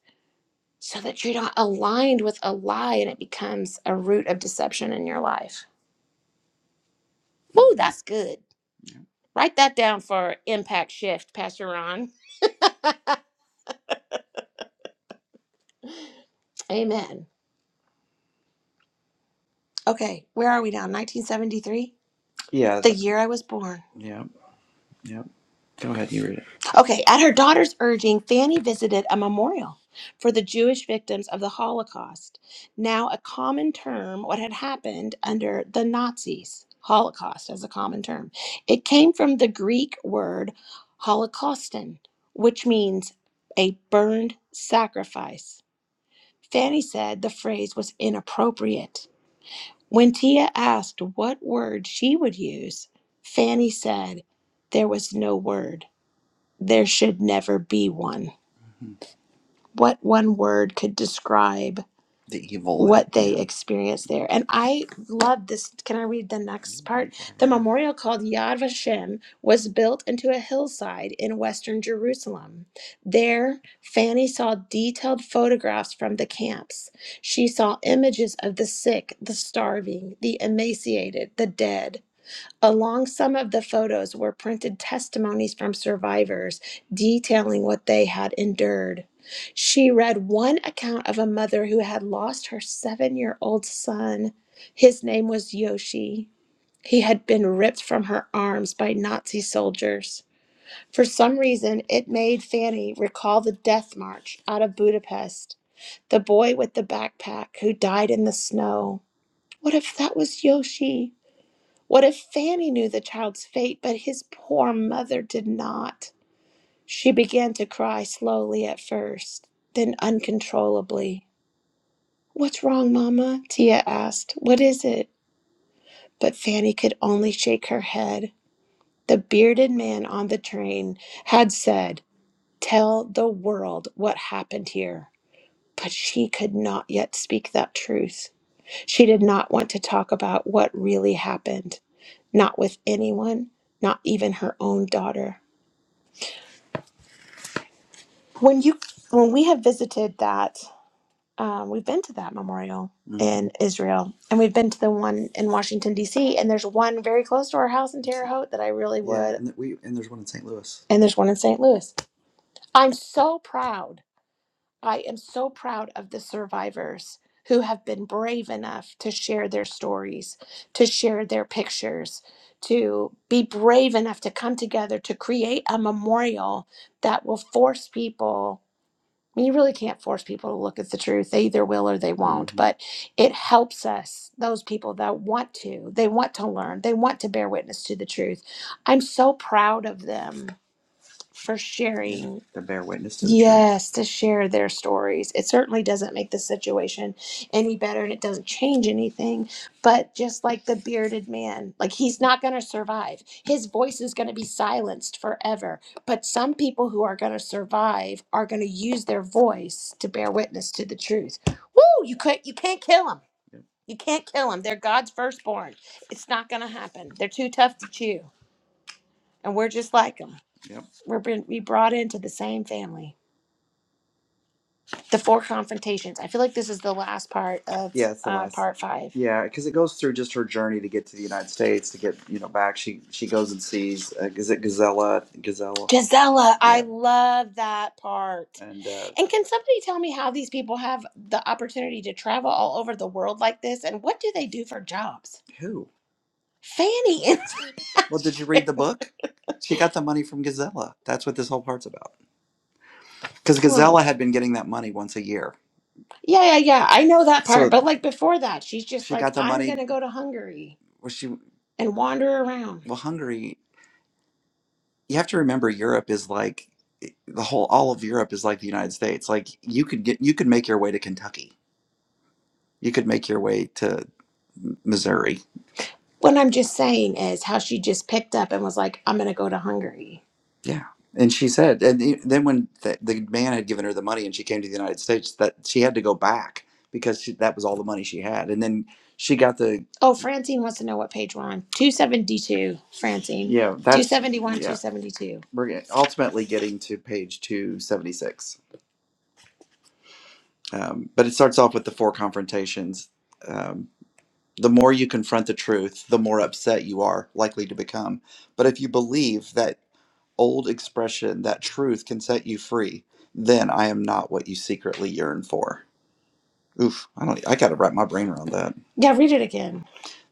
B: so that you're not aligned with a lie and it becomes a root of deception in your life. Woo, hmm that's good. Yeah. Write that down for impact shift, Pastor Ron. Amen. Okay, where are we now? 1973? Yeah. The year I was born. Yeah, yeah. Go ahead, you read it. Okay, at her daughter's urging, Fanny visited a memorial for the Jewish victims of the Holocaust, now a common term, what had happened under the Nazis. Holocaust as a common term. It came from the Greek word holocauston, which means a burned sacrifice. Fanny said the phrase was inappropriate. When Tia asked what word she would use, Fanny said there was no word. There should never be one. Mhm. What one word could describe The evil what they yeah. experienced there? And I love this. Can I read the next part? The Yeah. memorial called Yad Vashem was built into a hillside in western Jerusalem. There, Fanny saw detailed photographs from the camps. She saw images of the sick, the starving, the emaciated, the dead. Along some of the photos were printed testimonies from survivors detailing what they had endured. She read one account of a mother who had lost her seven year old son. His name was Yoshi. He had been ripped from her arms by Nazi soldiers. For some reason, it made Fanny recall the death march out of Budapest, the boy with the backpack who died in the snow. What if that was Yoshi? What if Fanny knew the child's fate, but his poor mother did not? She began to cry slowly at first, then uncontrollably. What's wrong, Mama? Tia asked. What is it? But Fanny could only shake her head. The bearded man on the train had said, Tell the world what happened here. But she could not yet speak that truth. She did not want to talk about what really happened, not with anyone, not even her own daughter. When you when we have visited that, um, we've been to that memorial Mm. in Israel, and we've been to the one in Washington D.C. And there's one very close to our house in Terre Haute that I really would. Yeah, would, and th- we and there's one in St. Louis. and there's one in St. Louis. I'm so proud. I am so proud of the survivors who have been brave enough to share their stories, to share their pictures, to be brave enough to come together to create a memorial that will force people you really can't force people to look at the truth. They either will or they won't. hmm But it helps us, those people that want to, they want to learn, they want to bear witness to the truth. I'm so proud of them for Yeah, sharing to bear witness to the truth. Yes, to share their stories. It certainly doesn't make the situation any better and it doesn't change anything. But just like the bearded man, like he's not going to survive. His voice is going to be silenced forever. But some people who are going to survive are going to use their voice to bear witness to the truth. Woo, you can't, you can't kill them. Yep. You can't kill them. They're God's firstborn. It's not going to happen. They're too tough to chew and we're just like them. Yep. We're been we brought into the same family. The four confrontations. I feel like this is the last part of Yeah, it's the uh, last. part five. Yeah, because it goes through just her journey to get to the United States to get you know back. She she goes and sees uh, is it Gazella Gazella? Gisela, I Yeah, love that part. and uh, And can somebody tell me how these people have the opportunity to travel all over the world like this? And what do they do for jobs? who? Fanny. and well, did you read the book? She got the money from Gazella. That's what this whole part's about. Because Well, Gazella well, had been getting that money once a year. yeah, yeah, yeah. I know that part. So But like before that, she's just she like, got the I'm money. gonna go to Hungary Was she and wander around. well hungary you have to remember europe is like the whole all of europe is like the united states like you could get you could make your way to kentucky you could make your way to missouri What I'm just saying is how she just picked up and was like, I'm going to go to Hungary. Yeah. And she said, and the- then when the, the man had given her the money and she came to the United States, that she had to go back because she, that was all the money she had. And then she got the, Oh, Francine wants to know what page we're on. 272, Francine. yeah, that's, 271, yeah, 272. we're get- ultimately getting to page 276. Um, but it starts off with the four confrontations. Um, the more you confront the truth, the more upset you are likely to become. But if you believe that old expression that truth can set you free, then I am not what you secretly yearn for. Oof, I don't I got to wrap my brain around that. Yeah, read it again.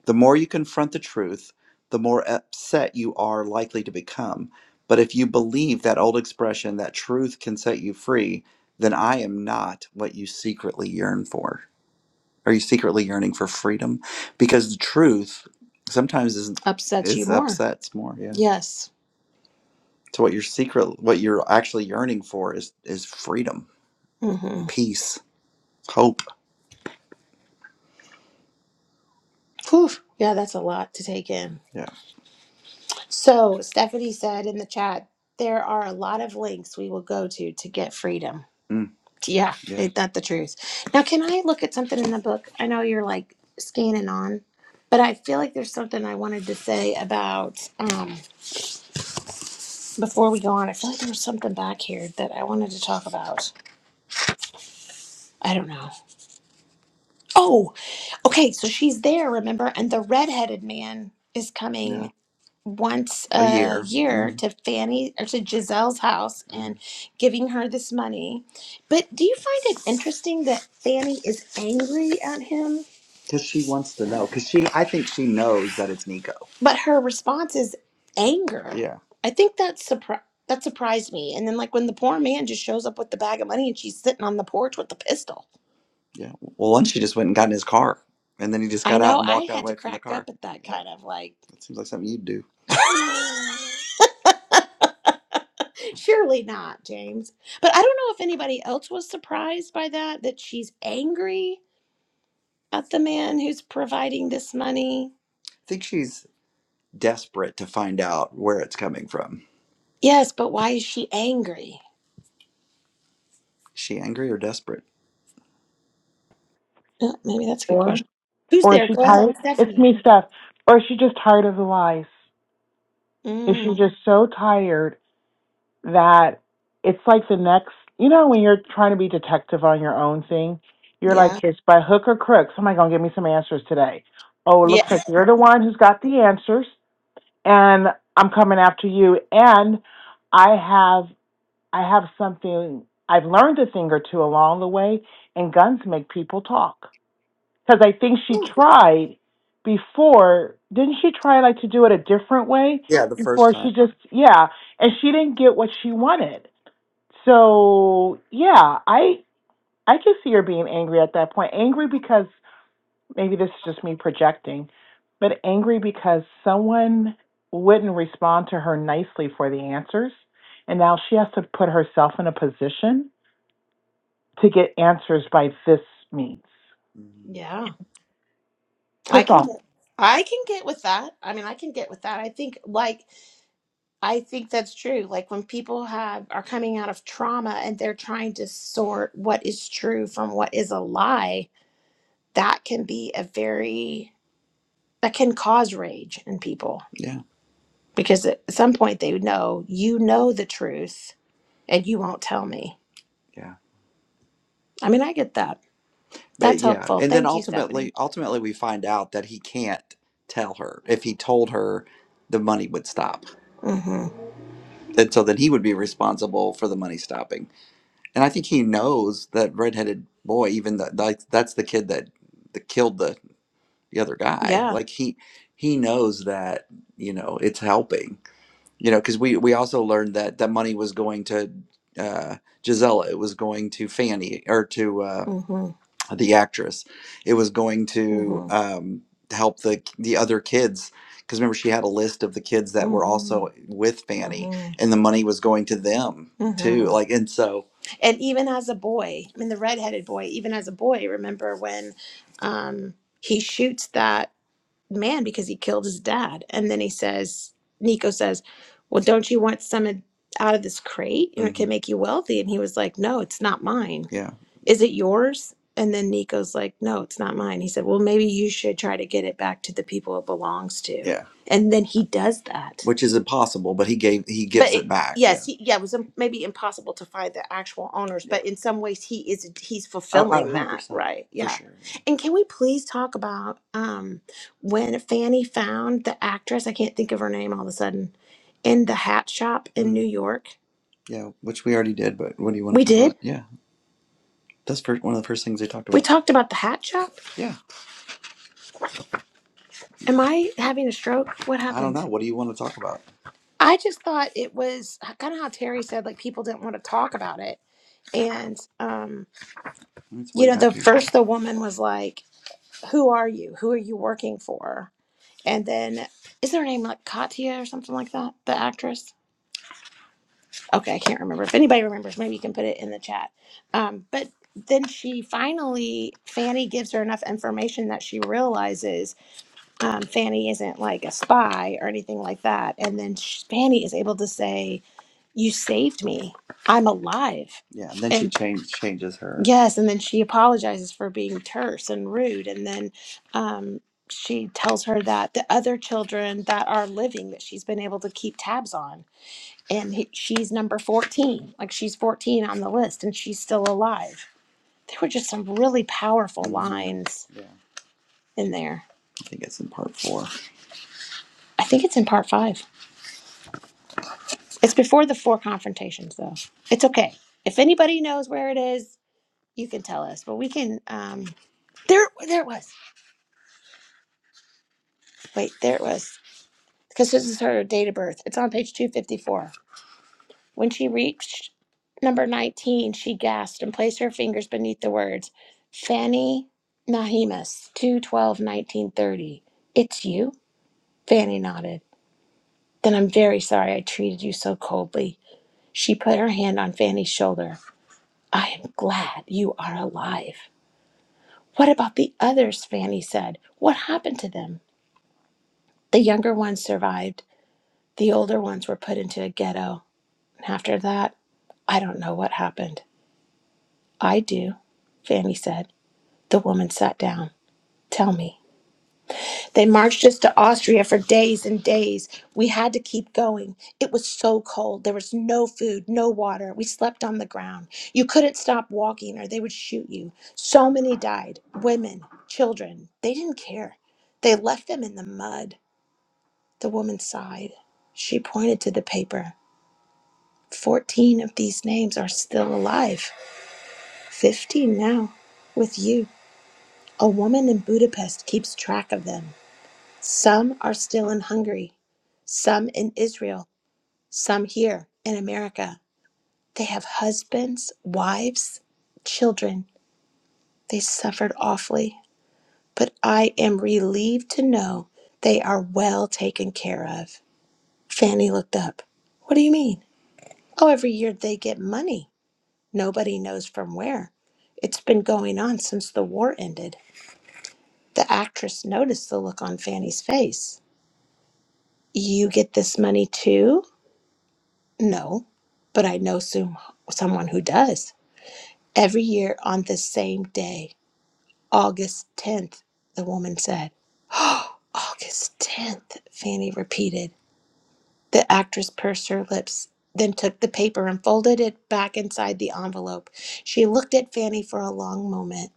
B: The more you confront the truth, the more upset you are likely to become. But if you believe that old expression that truth can set you free, then I am not what you secretly yearn for. Are you secretly yearning for freedom? Because the truth sometimes is Upsets you is more. upsets more. Yeah. Yes. So what you're secret, what you're actually yearning for is is freedom, Mm-hmm. peace, hope. Whew. Yeah, that's a lot to take in. So Stephanie said in the chat, there are a lot of links we will go to to get freedom. Mm, Yeah, yeah. ain't that the truth? Now, can I look at something in the book? I know you're like scanning on, but I feel like there's something I wanted to say about um, before we go on. I feel like there was something back here that I wanted to talk about. I don't know. Oh, okay. So she's there, remember? And the redheaded man is coming once a a year. year hmm to Fanny or to Giselle's house and giving her this money. But do you find it interesting that Fanny is angry at him? Because she wants to know. Because she, I think she knows that it's Nico. But her response is anger. Yeah. I think that surpri- that surprised me. And then like when the poor man just shows up with the bag of money and she's sitting on the porch with the pistol. Yeah. Well, once he just went and got in his car, and then he just I got know, out and I walked out had away to from the crack car. up at that Yeah. kind of like, That seems like something you'd do. surely not, James. But I don't know if anybody else was surprised by that, that she's angry at the man who's providing this money. I think she's desperate to find out where it's coming from. Yes, but why is she angry? Is she angry or desperate? Uh, Maybe that's a good
F: Or
B: question. Who's
F: or is
B: there?
F: she
B: Go ahead,
F: tired? It's
B: Stephanie.
F: me, Steph. Or is she just tired of the lies? Is she
B: Mm,
F: just so tired that it's like the next you know when you're trying to be detective on your own thing? You're like
B: yeah.
F: it's by hook or crook, somebody gonna give me some answers today. Oh, it looks
B: Yeah.
F: like you're the one who's got the answers and I'm coming after you and I have I have something I've learned a thing or two along the way and guns make people talk. because I think she tried before. Didn't she try like to do it a different way
B: Yeah, the first
F: before? She
B: time.
F: just yeah, and she didn't get what she wanted. So yeah, I I could see her being angry at that point. Angry because maybe this is just me projecting, but angry because someone wouldn't respond to her nicely for the answers, and now she has to put herself in a position to get answers by this means.
B: hmm Yeah, I
F: Good
B: can
F: thought.
B: get I can get with that. I mean, I can get with that. I think like I think that's true. Like when people have are coming out of trauma and they're trying to sort what is true from what is a lie, that can be a very that can cause rage in people Yeah. because at some point they know you know the truth and you won't tell me. Yeah. I mean, I get that. But That's yeah, helpful. and then Thank you, Stephanie. ultimately, Stephanie. ultimately, we find out that he can't tell her. If he told her, the money would stop, hmm and so then he would be responsible for the money stopping. And I think he knows that redheaded boy, even that like that's the kid that, that killed the the other guy. Yeah. Like he he knows that you know it's helping you know because we we also learned that that money was going to uh gisela it was going to fanny or to uh hmm the actress it was going to hmm um help the the other kids because remember she had a list of the kids that were hmm also with fanny hmm and the money was going to them too hmm like and so And even as a boy, I mean, the redheaded boy, even as a boy, remember when um, he shoots that man because he killed his dad. And then he says, Nico says, Well, don't you want some of- out of this crate? You know, it hmm can Mhm. make you wealthy. And he was like, No, it's not mine. Yeah. Is it yours? And then Nico's like, No, it's not mine. He said, Well, maybe you should try to get it back to the people it belongs to. Yeah. And then he does that. Which is impossible, but he gave he But gives it, it back. Yeah. yes, he, yeah, it was um, maybe impossible to find the actual owners, Yeah. but in some ways he is he's Oh, oh, fulfilling that, 100%. right? For Yeah. sure. And can we please talk about um when Fanny found the actress, I can't think of her name all of a sudden, in the hat shop in New York. Yeah, which we already did, but what do you want We to talk did. about? Yeah, that's first, one of the first things they talked We about. talked about the hat shop. Yeah, Am I having a stroke? What I don't happened? know. What do you want to talk about? I just thought it was kind of how Terry said, like people didn't want to talk about it. And, um, It's you way know, back the here. first the woman was like, Who are you? Who are you working for? And then, is her name like Katya or something like that? The actress? okay, I can't remember. If anybody remembers, maybe you can put it in the chat. Um, but then she finally, Fanny gives her enough information that she realizes um, Fanny isn't like a spy or anything like that. And then sh Fanny is able to say, "You saved me. I'm alive." Yeah, and then she And change, changes her. Yes, and then she apologizes for being terse and rude, and then um, she tells her that the other children that are living that she's been able to keep tabs on and he, she's number 14 like she's 14 on the list and she's still alive there were just some really powerful Mhm. lines Yeah, in there I think it's in part four. i think it's in part five it's before the four confrontations though it's okay if anybody knows where it is you can tell us but we can um there there it was wait there it was because this is her date of birth it's on page 254 When she reached number 19, she gasped and placed her fingers beneath the words, Fanny Nahimas, 212 1930. It's you? Fanny nodded. Then I'm very sorry I treated you so coldly. She put her hand on Fanny's shoulder. I am glad you are alive. What about the others? Fanny said. What happened to them? The younger ones survived. The older ones were put into a ghetto. And after that, I don't know what happened. I do, Fanny said. The woman sat down. Tell me. They marched us to Austria for days and days. We had to keep going. It was so cold. There was no food, no water. We slept on the ground. You couldn't stop walking or they would shoot you. So many died women, children. They didn't care. They left them in the mud. The woman sighed. She pointed to the paper. Fourteen of these names are still alive. Fifteen now, with you. A woman in Budapest keeps track of them. Some are still in Hungary, some in Israel, some here in America. They have husbands, wives, children. They suffered awfully, but I am relieved to know they are well taken care of. Fanny looked up. What do you mean? Oh, every year they get money. Nobody knows from where. It's been going on since the war ended. The actress noticed the look on Fanny's face. You get this money too? No, but I know some, someone who does. Every year on this same day, August 10th, the woman said. Oh, August 10th, Fanny repeated. The actress pursed her lips, then took the paper and folded it back inside the envelope. She looked at Fanny for a long moment.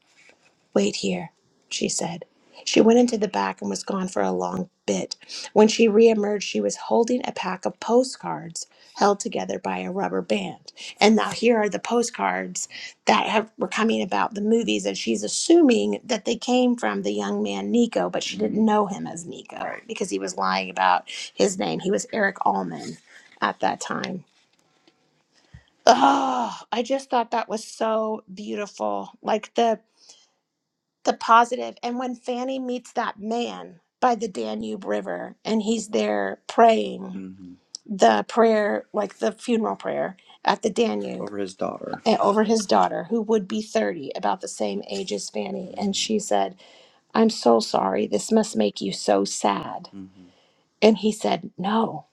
B: Wait here, she said. She went into the back and was gone for a long bit. When she reemerged, she was holding a pack of postcards held together by a rubber band. And now here are the postcards that have, were coming about the movies, and she's assuming that they came from the young man Nico, but she didn't know him as Nico Right. because he was lying about his name. He was Eric Allman at that time. Oh, I just thought that was so beautiful. Like the the positive. And when Fanny meets that man by the Danube River and he's there praying hmm the prayer, like the funeral prayer at the Danube over his daughter. and over his daughter, who would be 30, about the same age as Fanny. Mm-hmm. And she said, I'm so sorry. This must make you so sad. hmm And he said, No,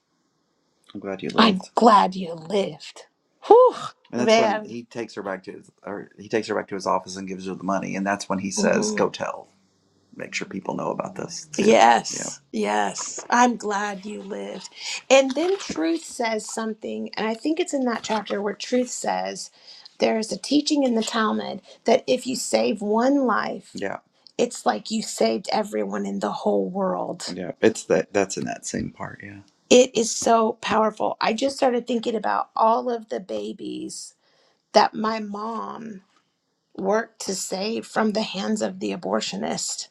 B: I'm glad you lived. I'm glad you lived. Whew, And that's man. when he takes her back to his, or he takes her back to his office and gives her the money. And that's when he says, hmm "Go tell." make sure people know about this too. Yeah. Yes, yeah. yes. I'm glad you lived. And then Truth says something, and I think it's in that chapter where Truth says there is a teaching in the Talmud that if you save one life, Yeah. it's like you saved everyone in the whole world. Yeah. It's that that's in that same part, yeah. It is so powerful. I just started thinking about all of the babies that my mom worked to save from the hands of the abortionist.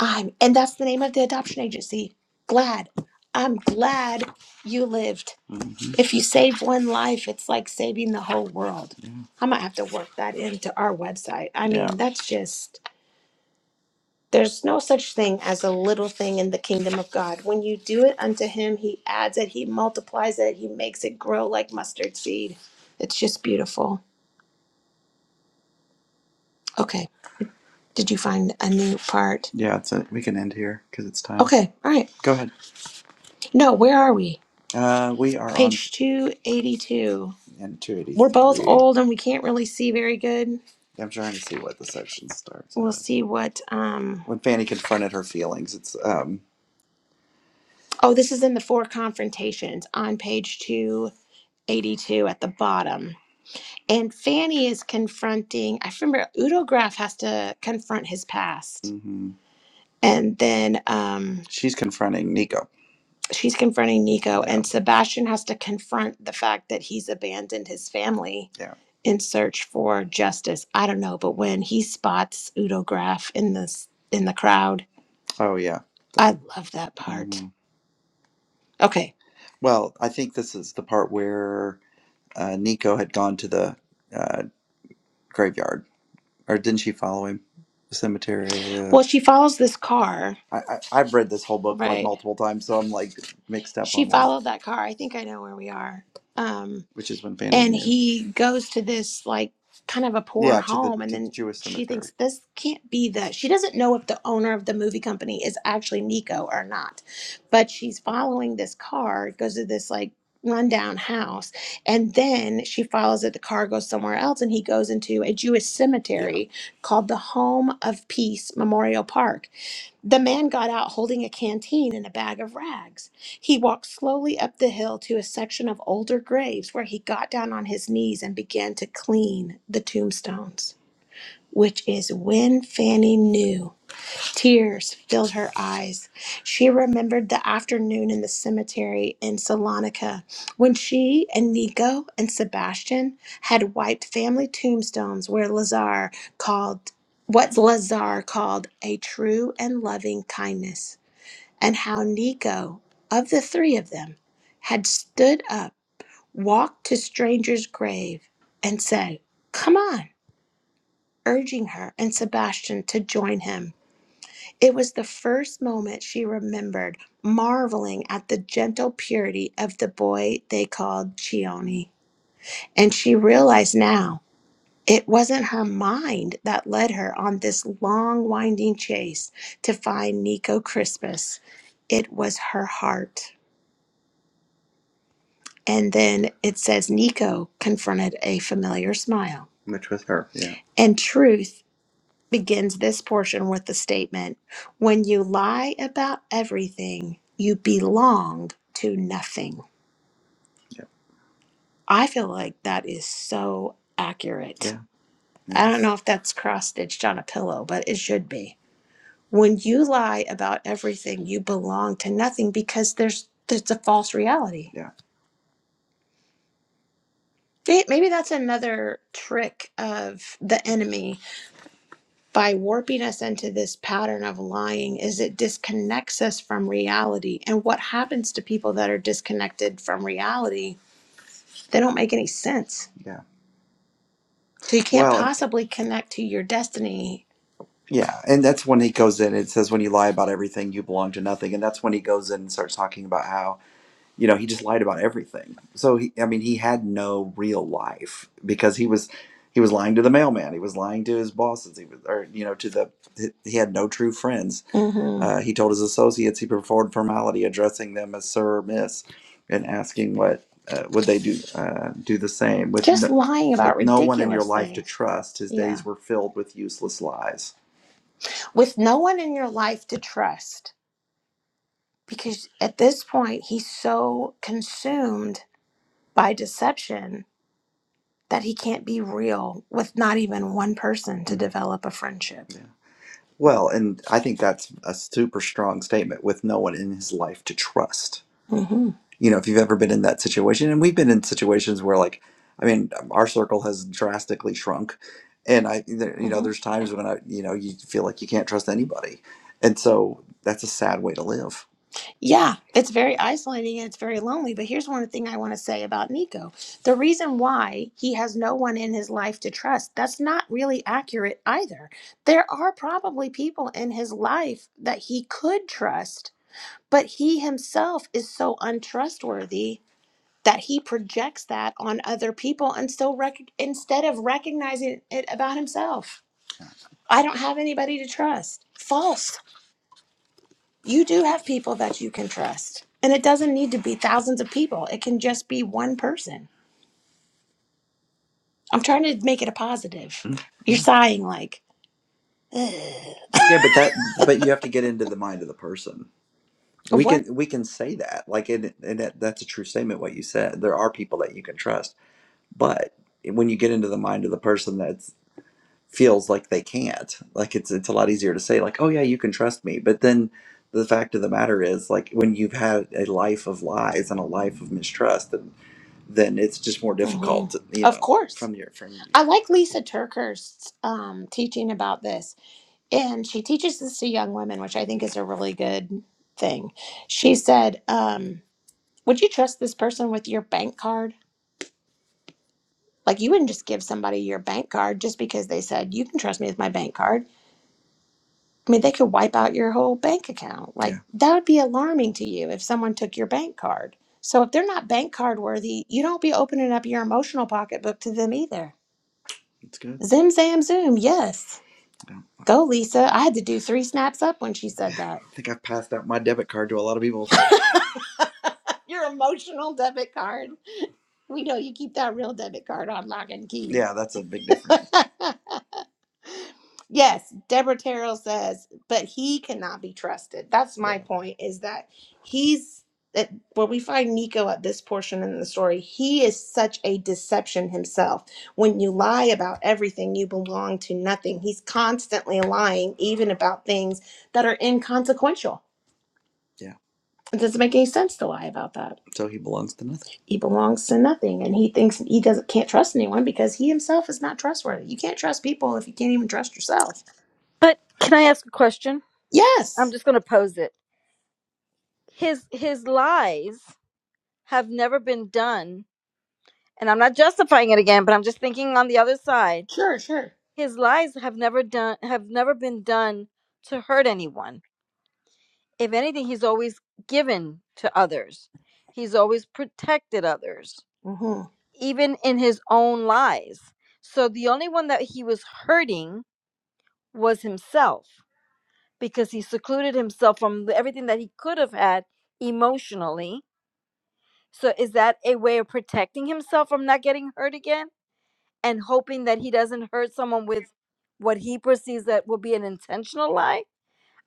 B: I'm, and that's the name of the adoption agency. Glad. I'm glad you lived. hmm If you save one life, it's like saving the whole world. Yeah. I might have to work that into our website. I Yeah. mean, that's just, there's no such thing as a little thing in the kingdom of God. When you do it unto Him, He adds it, He multiplies it, He makes it grow like mustard seed. It's just beautiful. Okay. Did you find a new part? Yeah. It's a, we can end here because it's time. Okay. All right. Go ahead. No, where are we? Uh, we are on Page 282. and We're both 283. old and we can't really see very good. I'm trying to see what the section starts We'll at. see what um When Fanny confronted her feelings, it's um Oh, this is in the four confrontations on page 282 at the bottom. And Fanny is confronting, I remember Udo Graf has to confront his past. mhm. And then um she's confronting Nico she's confronting Nico, yeah. and Sebastian has to confront the fact that he's abandoned his family Yeah. in search for justice. I don't know, but when he spots Udo Graf in this in the crowd, Oh, yeah. I love that part. hmm Okay, Well, I think this is the part where uh, Nico had gone to the uh, graveyard or didn't she follow him? The cemetery. Uh, Well, she follows this car, I, I I've read this whole book like right? multiple times, so I'm like mixed up She on that, followed that car. I think I know where we are. Um, which is when Fanny and knew. he goes to this like kind of a poor Yeah, to the home and to the then Jewish she cemetery. thinks this can't be the she doesn't know if the owner of the movie company is actually nico or not but she's following this car It goes to this like rundown house and then she follows it, the car goes somewhere else, and he goes into a Jewish Yeah. cemetery yeah. called the Home of Peace Memorial Park. The man got out holding a canteen and a bag of rags. He walked slowly up the hill to a section of older graves where he got down on his knees and began to clean the tombstones, which is when Fanny knew Tears filled her eyes. She remembered the afternoon in the cemetery in Salonika when she and Nico and Sebastian had wiped family tombstones where Lazar called what Lazar called a true and loving kindness, and how Nico, of the three of them, had stood up, walked to stranger's grave, and said, Come on, urging her and Sebastian to join him. It was the first moment she remembered, marveling at the gentle purity of the boy they called Chione. And she realized now it wasn't her mind that led her on this long, winding chase to find Nico Crispus, it was her heart. And then it says Nico confronted a familiar smile. Which was her, yeah. And truth begins this portion with the statement When you lie about everything, you belong to nothing. Yeah. I feel like that is so accurate. Yeah. I Yeah. don't know if that's cross stitched on a pillow, but it should be. When you lie about everything, you belong to nothing because there's there's a false reality. Yeah. May- Maybe that's another trick of the enemy by warping us into this pattern of lying is it disconnects us from reality and what happens to people that are disconnected from reality they don't make any sense Yeah. so you can't Well, possibly connect to your destiny yeah, and that's when he goes in. It says when you lie about everything, you belong to nothing, and that's when he goes in and starts talking about how you know he just lied about everything so he i mean he had no real life because he was he was lying to the mailman he was lying to his bosses he was or you know to the he had no true friends hmm uh, he told his associates he performed formality addressing them as sir or miss and asking what uh, would they do uh, do the same with Just no, lying about with no one in your ridiculous life to things. trust his Yeah. days were filled with useless lies With no one in your life to trust. Because at this point, he's so consumed by deception that he can't be real with not even one person to develop a friendship. Yeah. Well, and I think that's a super strong statement with no one in his life to trust. hmm You know, if you've ever been in that situation, and we've been in situations where, like, I mean, our circle has drastically shrunk. And I, there- you know, hmm there's times when I, you know, you feel like you can't trust anybody. And so that's a sad way to live. Yeah, it's very isolating and it's very lonely. But here's one thing I want to say about Nico. The reason why he has no one in his life to trust, that's not really accurate either. There are probably people in his life that he could trust, but he himself is so untrustworthy that he projects that on other people and still rec- instead of recognizing it about himself. I don't have anybody to trust. False you do have people that you can trust. And it doesn't need to be thousands of people, it can just be one person. I'm trying to make it a positive. Mm, You're Yeah. sighing like, "Ugh." Yeah, but that but you have to get into the mind of the person. We what? can we can say that like and and that, that's a true statement what you said. There are people that you can trust, but when you get into the mind of the person, that feels like they can't. Like it's it's a lot easier to say like, "Oh yeah, you can trust me." But then the fact of the matter is like when you've had a life of lies and a life of mistrust, then, then it's just more hmm difficult, you Of know, course. from your from your I like Lisa Turker's um, teaching about this, and she teaches this to young women, which I think is a really good thing. She said, um, "Would you trust this person with your bank card? Like, you wouldn't just give somebody your bank card just because they said you can trust me with my bank card. I mean, they could wipe out your whole bank account. Like Yeah. that would be alarming to you if someone took your bank card. So if they're not bank card worthy, you don't be opening up your emotional pocketbook to them either. That's good. Zim zam zoom. Yes. Yeah. Go, Lisa. I had to do three snaps up when she Yeah. said that. I think I've passed out my debit card to a lot of people. Your emotional debit card. We know you keep that real debit card on lock and key. Yeah, that's a big Yes, Deborah Terrell says, but he cannot be trusted. That's Yeah. my point is that he's that where we find Nico at this portion in the story, he is such a deception himself. When you lie about everything, you belong to nothing. He's constantly lying, even about things that are inconsequential. Yeah. It doesn't make any sense to lie about that. So he belongs to nothing. He belongs to nothing and he thinks he doesn't can't trust anyone because he himself is not trustworthy. You can't trust people if you can't even trust yourself.
D: but can i ask a question i'm
B: Yes.
D: just going to pose it his his lies have never been done and i'm not justifying it again but i'm just thinking on the other side
B: Sure, sure.
D: his lies have never done have never been done to hurt anyone if anything, he's always given to others. He's always protected others,
B: hmm
D: even in his own lies. So the only one that he was hurting was himself because he secluded himself from everything that he could have had emotionally. So is that a way of protecting himself from not getting hurt again and hoping that he doesn't hurt someone with what he perceives that will be an intentional lie?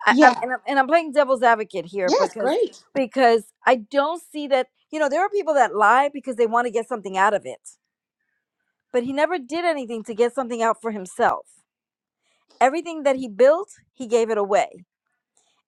D: I, I'm
B: Yeah.
D: and I'm and I'm playing devil's advocate here
B: Yes,
D: because
B: great.
D: because I don't see that you know there are people that lie because they want to get something out of it, but he never did anything to get something out for himself. Everything that he built, he gave it away.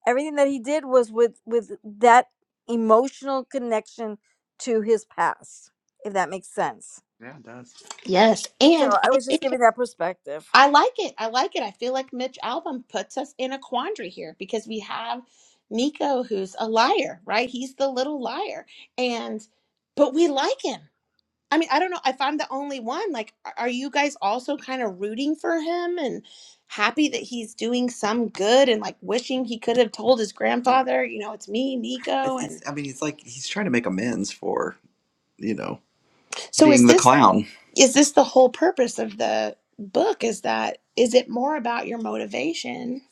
D: Everything that he did was with with that emotional connection to his past, if that makes sense.
B: Yeah, it does. Yes, and
D: So I
B: I
D: was just
B: think
D: giving that perspective.
B: I like it. I like it. I feel like Mitch Album puts us in a quandary here because we have Nico, who's a liar, right? He's the little liar, and but we like him. I mean, I don't know if I'm the only one. Like, a- are you guys also kind of rooting for him and happy that he's doing some good and like wishing he could have told his grandfather, you know, it's me, Nico? It's, it's, And I mean, he's like he's trying to make amends for you know so being is the this clown. is this the whole purpose of the book is that is it more about your motivation?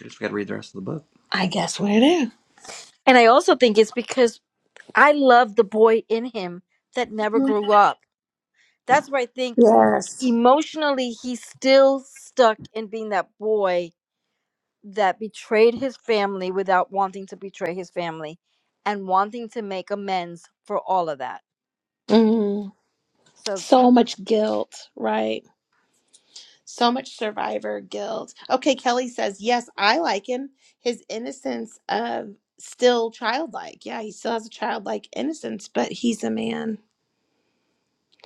B: I just got to read the rest of the book. I guess we do.
D: And I also think it's because I love the boy in him that never grew up. That's where I think
B: Yes.
D: emotionally he's still stuck in being that boy that betrayed his family without wanting to betray his family and wanting to make amends for all of that.
B: Mm,
D: So.
B: so much guilt, right? So much survivor guilt. Okay, Kelly says, yes, I like him. His innocence of still childlike. Yeah, he still has a childlike innocence, but he's a man.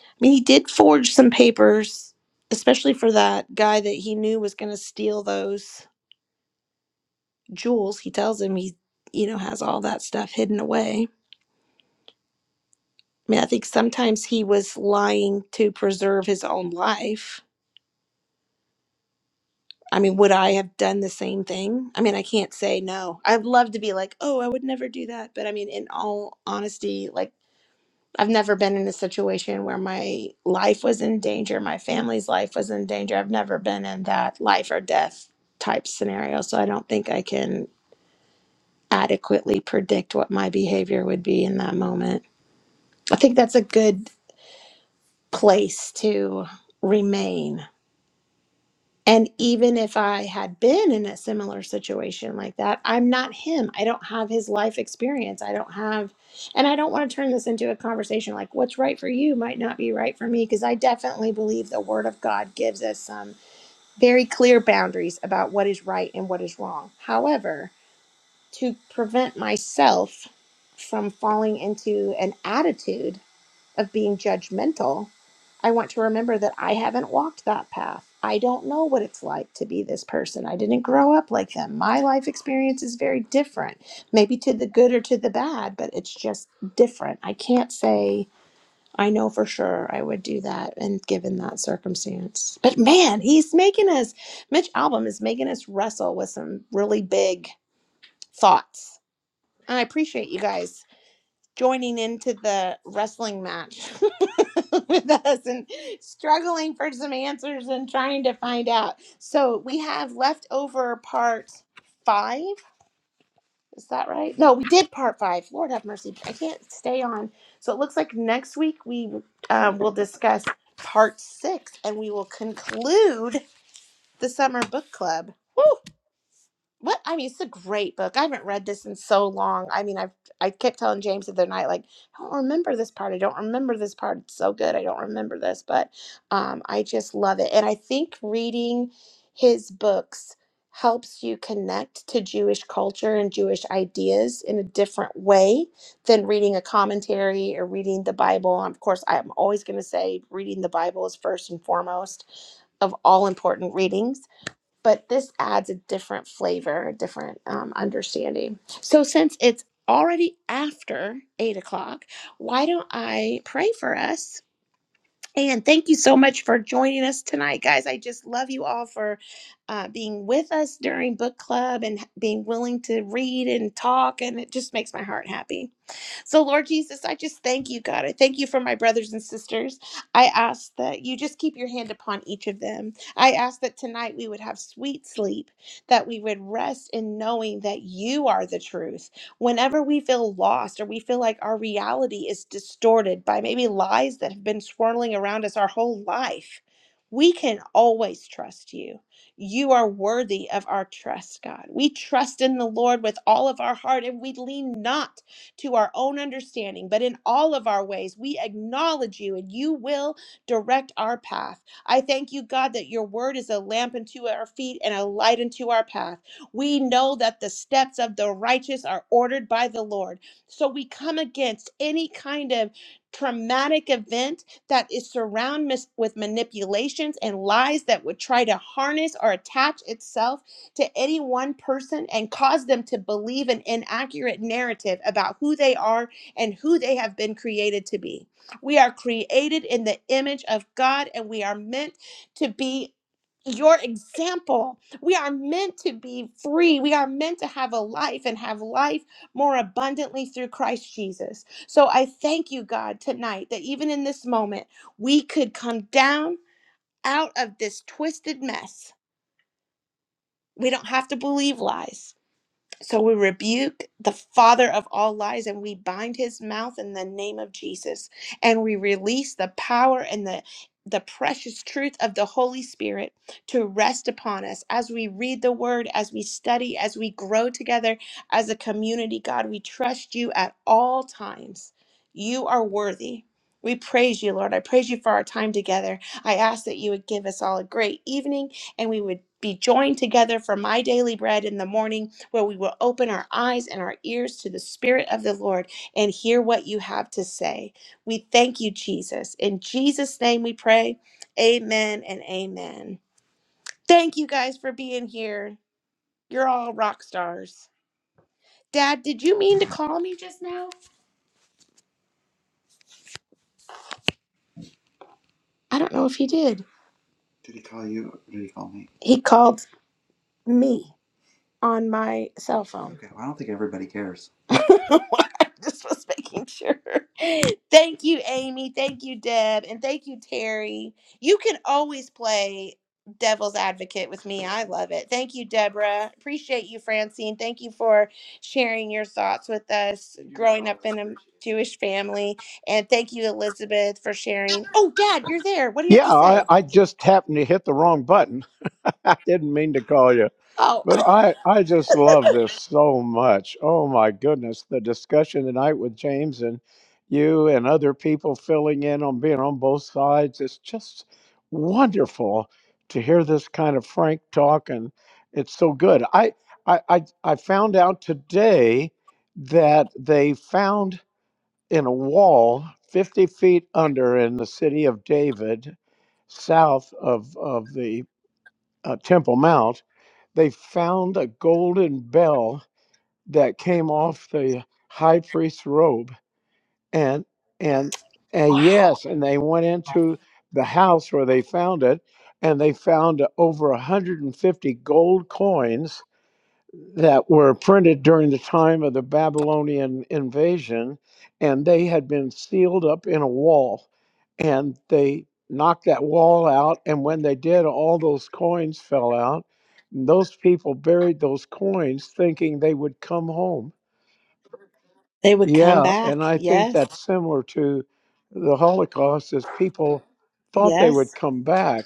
B: I mean, he did forge some papers, especially for that guy that he knew was going to steal those jewels. He tells him he, you know, has all that stuff hidden away. I mean, I think sometimes he was lying to preserve his own life I mean, would I have done the same thing? I mean, I can't say no. I'd love to be like, oh, I would never do that. But I mean, in all honesty, like, I've never been in a situation where my life was in danger, my family's life was in danger. I've never been in that life or death type scenario. So I don't think I can adequately predict what my behavior would be in that moment. I think that's a good place to remain And even if I had been in a similar situation like that, I'm not him. I don't have his life experience. I don't have, and I don't want to turn this into a conversation like what's right for you might not be right for me, because I definitely believe the Word of God gives us some very clear boundaries about what is right and what is wrong. However, to prevent myself from falling into an attitude of being judgmental, I want to remember that I haven't walked that path. I don't know what it's like to be this person. I didn't grow up like them. My life experience is very different, maybe to the good or to the bad, but it's just different. I can't say I know for sure I would do that and given that circumstance. But man, he's making us, Mitch Album is making us wrestle with some really big thoughts. And I appreciate you guys joining into the wrestling match with us and struggling for some answers and trying to find out. So we have left over part five. Is that right? No, we did part five. Lord have mercy. I can't stay on. So it looks like next week we uh, will discuss part six and we will conclude the summer book club. Woo! What I mean, it's a great book. I haven't read this in so long. I mean, I've I kept telling James the other night, like, I don't remember this part. I don't remember this part. It's so good. I don't remember this, but um, I just love it. And I think reading his books helps you connect to Jewish culture and Jewish ideas in a different way than reading a commentary or reading the Bible. And of course, I'm always going to say reading the Bible is first and foremost of all important readings but this adds a different flavor, a different um, understanding. So since it's already after eight o'clock, why don't I pray for us? And thank you so much for joining us tonight, guys. I just love you all for uh, being with us during book club and being willing to read and talk, and it just makes my heart happy. So, Lord Jesus, I just thank you, God. I thank you for my brothers and sisters. I ask that you just keep your hand upon each of them. I ask that tonight we would have sweet sleep, that we would rest in knowing that you are the truth. Whenever we feel lost or we feel like our reality is distorted by maybe lies that have been swirling around us our whole life, we can always trust you. You are worthy of our trust, God. We trust in the Lord with all of our heart and we lean not to our own understanding, but in all of our ways, we acknowledge you and you will direct our path. I thank you, God, that your word is a lamp unto our feet and a light unto our path. We know that the steps of the righteous are ordered by the Lord. So we come against any kind of traumatic event that is surrounded mis- with manipulations and lies that would try to harness or attach itself to any one person and cause them to believe an inaccurate narrative about who they are and who they have been created to be. We are created in the image of God and we are meant to be your example. We are meant to be free. We are meant to have a life and have life more abundantly through Christ Jesus. So I thank you, God, tonight that even in this moment, we could come down out of this twisted mess. We don't have to believe lies. So we rebuke the father of all lies and we bind his mouth in the name of Jesus. And we release the power and the the precious truth of the Holy Spirit to rest upon us as we read the word, as we study, as we grow together as a community. God, we trust you at all times. You are worthy. We praise you, Lord. I praise you for our time together. I ask that you would give us all a great evening and we would be joined together for my daily bread in the morning where we will open our eyes and our ears to the Spirit of the Lord and hear what you have to say. We thank you, Jesus. In Jesus' name we pray. Amen and amen. Thank you guys for being here. You're all rock stars. Dad, did you mean to call me just now? I don't know if he did. Did he call you? Or did he call me? He called me. on my cell phone. Okay, well, I don't think everybody cares. I just was making sure. Thank you, Amy. Thank you, Deb. And thank you, Terry. You can always play devil's advocate with me. I love it. Thank you, Deborah. Appreciate you, Francine. Thank you for sharing your thoughts with us You're growing up always in a appreciated. Jewish family. And thank you, Elizabeth, for sharing. Oh, Dad, you're there. What do you have
G: Yeah,
B: to
G: I,
B: say?
G: I just happened to hit the wrong button. I didn't mean to call you,
B: Oh,
G: but I, I just love this so much. Oh my goodness, the discussion tonight with James and you and other people filling in on being on both sides. It's just wonderful to hear this kind of frank talk, and it's so good. I I I, I found out today that they found in a wall 50 feet under in the city of David, south of, of the uh, Temple Mount, they found a golden bell that came off the high priest's robe. And, and, and yes, and they went into the house where they found it and they found over 150 gold coins that were printed during the time of the Babylonian invasion, and they had been sealed up in a wall. And they knocked that wall out, and when they did, all those coins fell out. And those people buried those coins thinking they would come home.
B: they would come
G: Yeah, and
B: back.
G: I think
B: Yes.
G: that's similar to the Holocaust, is people thought they would
B: Yes.
G: come back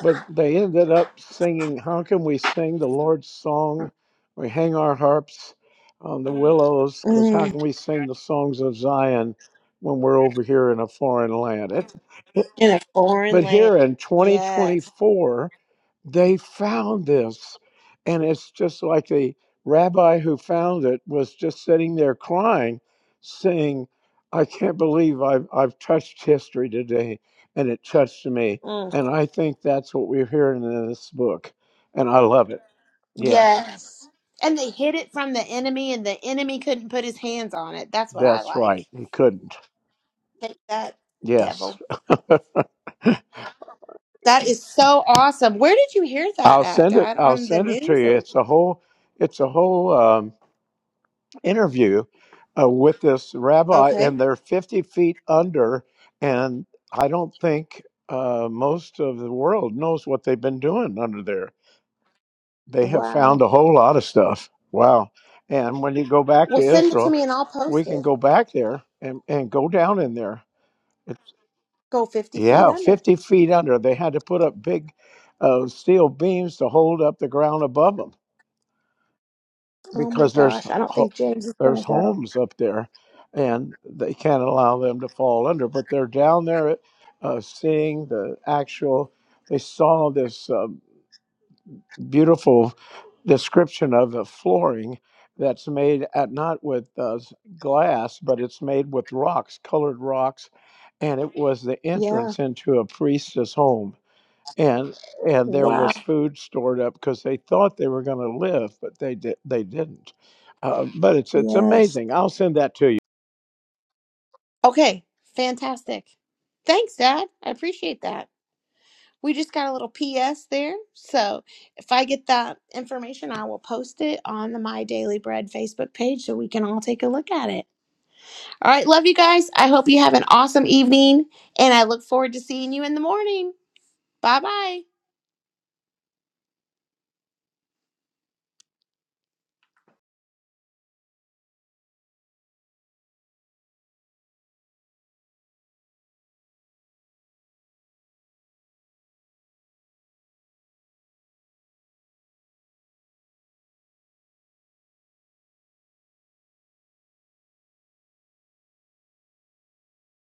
G: but they ended up singing, How Can We Sing the Lord's Song? We hang our harps on the willows, because how can we sing the songs of Zion when we're over here in a foreign land? It's,
B: in a foreign
G: but
B: land.
G: here in
B: Yes.
G: 2024, they found this, and it's just like the rabbi who found it was just sitting there crying, saying, I can't believe I've, I've touched history today, and it touched me.
B: Mm.
G: And I think that's what we're hearing in this book, and I love it. Yes,
B: Yes. And they hid it from the enemy, and the enemy couldn't put his hands on it. That's what I
G: that's
B: like.
G: right. He couldn't.
B: Take that,
G: Yes,
B: devil. That is so awesome. Where did you hear that
G: I'll
B: at,
G: send it.
B: Dad?
G: I'll
B: On the
G: send it to
B: news?
G: you.
B: Or?
G: It's a whole. It's a whole. Um, interview uh, with this rabbi,
B: Okay.
G: and they're 50 feet under. And I don't think uh, most of the world knows what they've been doing under there. They have found
B: Wow.
G: a whole lot of stuff. Wow. And when you go back
B: Well,
G: to
B: send it to
G: Israel,
B: me and I'll
G: we
B: post
G: can
B: it.
G: go back there and, and go down in there. It's,
B: Go 50 feet
G: yeah,
B: under.
G: 50 feet under. They had to put up big uh, steel beams to hold up the ground above them
B: Oh my
G: because there's
B: gosh. I don't think James is going
G: There's
B: to go.
G: homes up there, and they can't allow them to fall under. But they're down there uh, seeing the actual. They saw this uh, beautiful description of the flooring that's made at not with uh, glass, but it's made with rocks, colored rocks, and it was the
B: Yeah.
G: entrance into a priestess home and and there
B: Wow.
G: was food stored up because they thought they were going to live, but they did they didn't. Uh, but it's it's
B: Yes.
G: amazing. I'll send that to you.
B: Okay. Fantastic. Thanks, Dad. I appreciate that. we just got a little PS there. So if I get that information, I will post it on the My Daily Bread Facebook page so we can all take a look at it. All right, love you guys. I hope you have an awesome evening and I look forward to seeing you in the morning. Bye bye.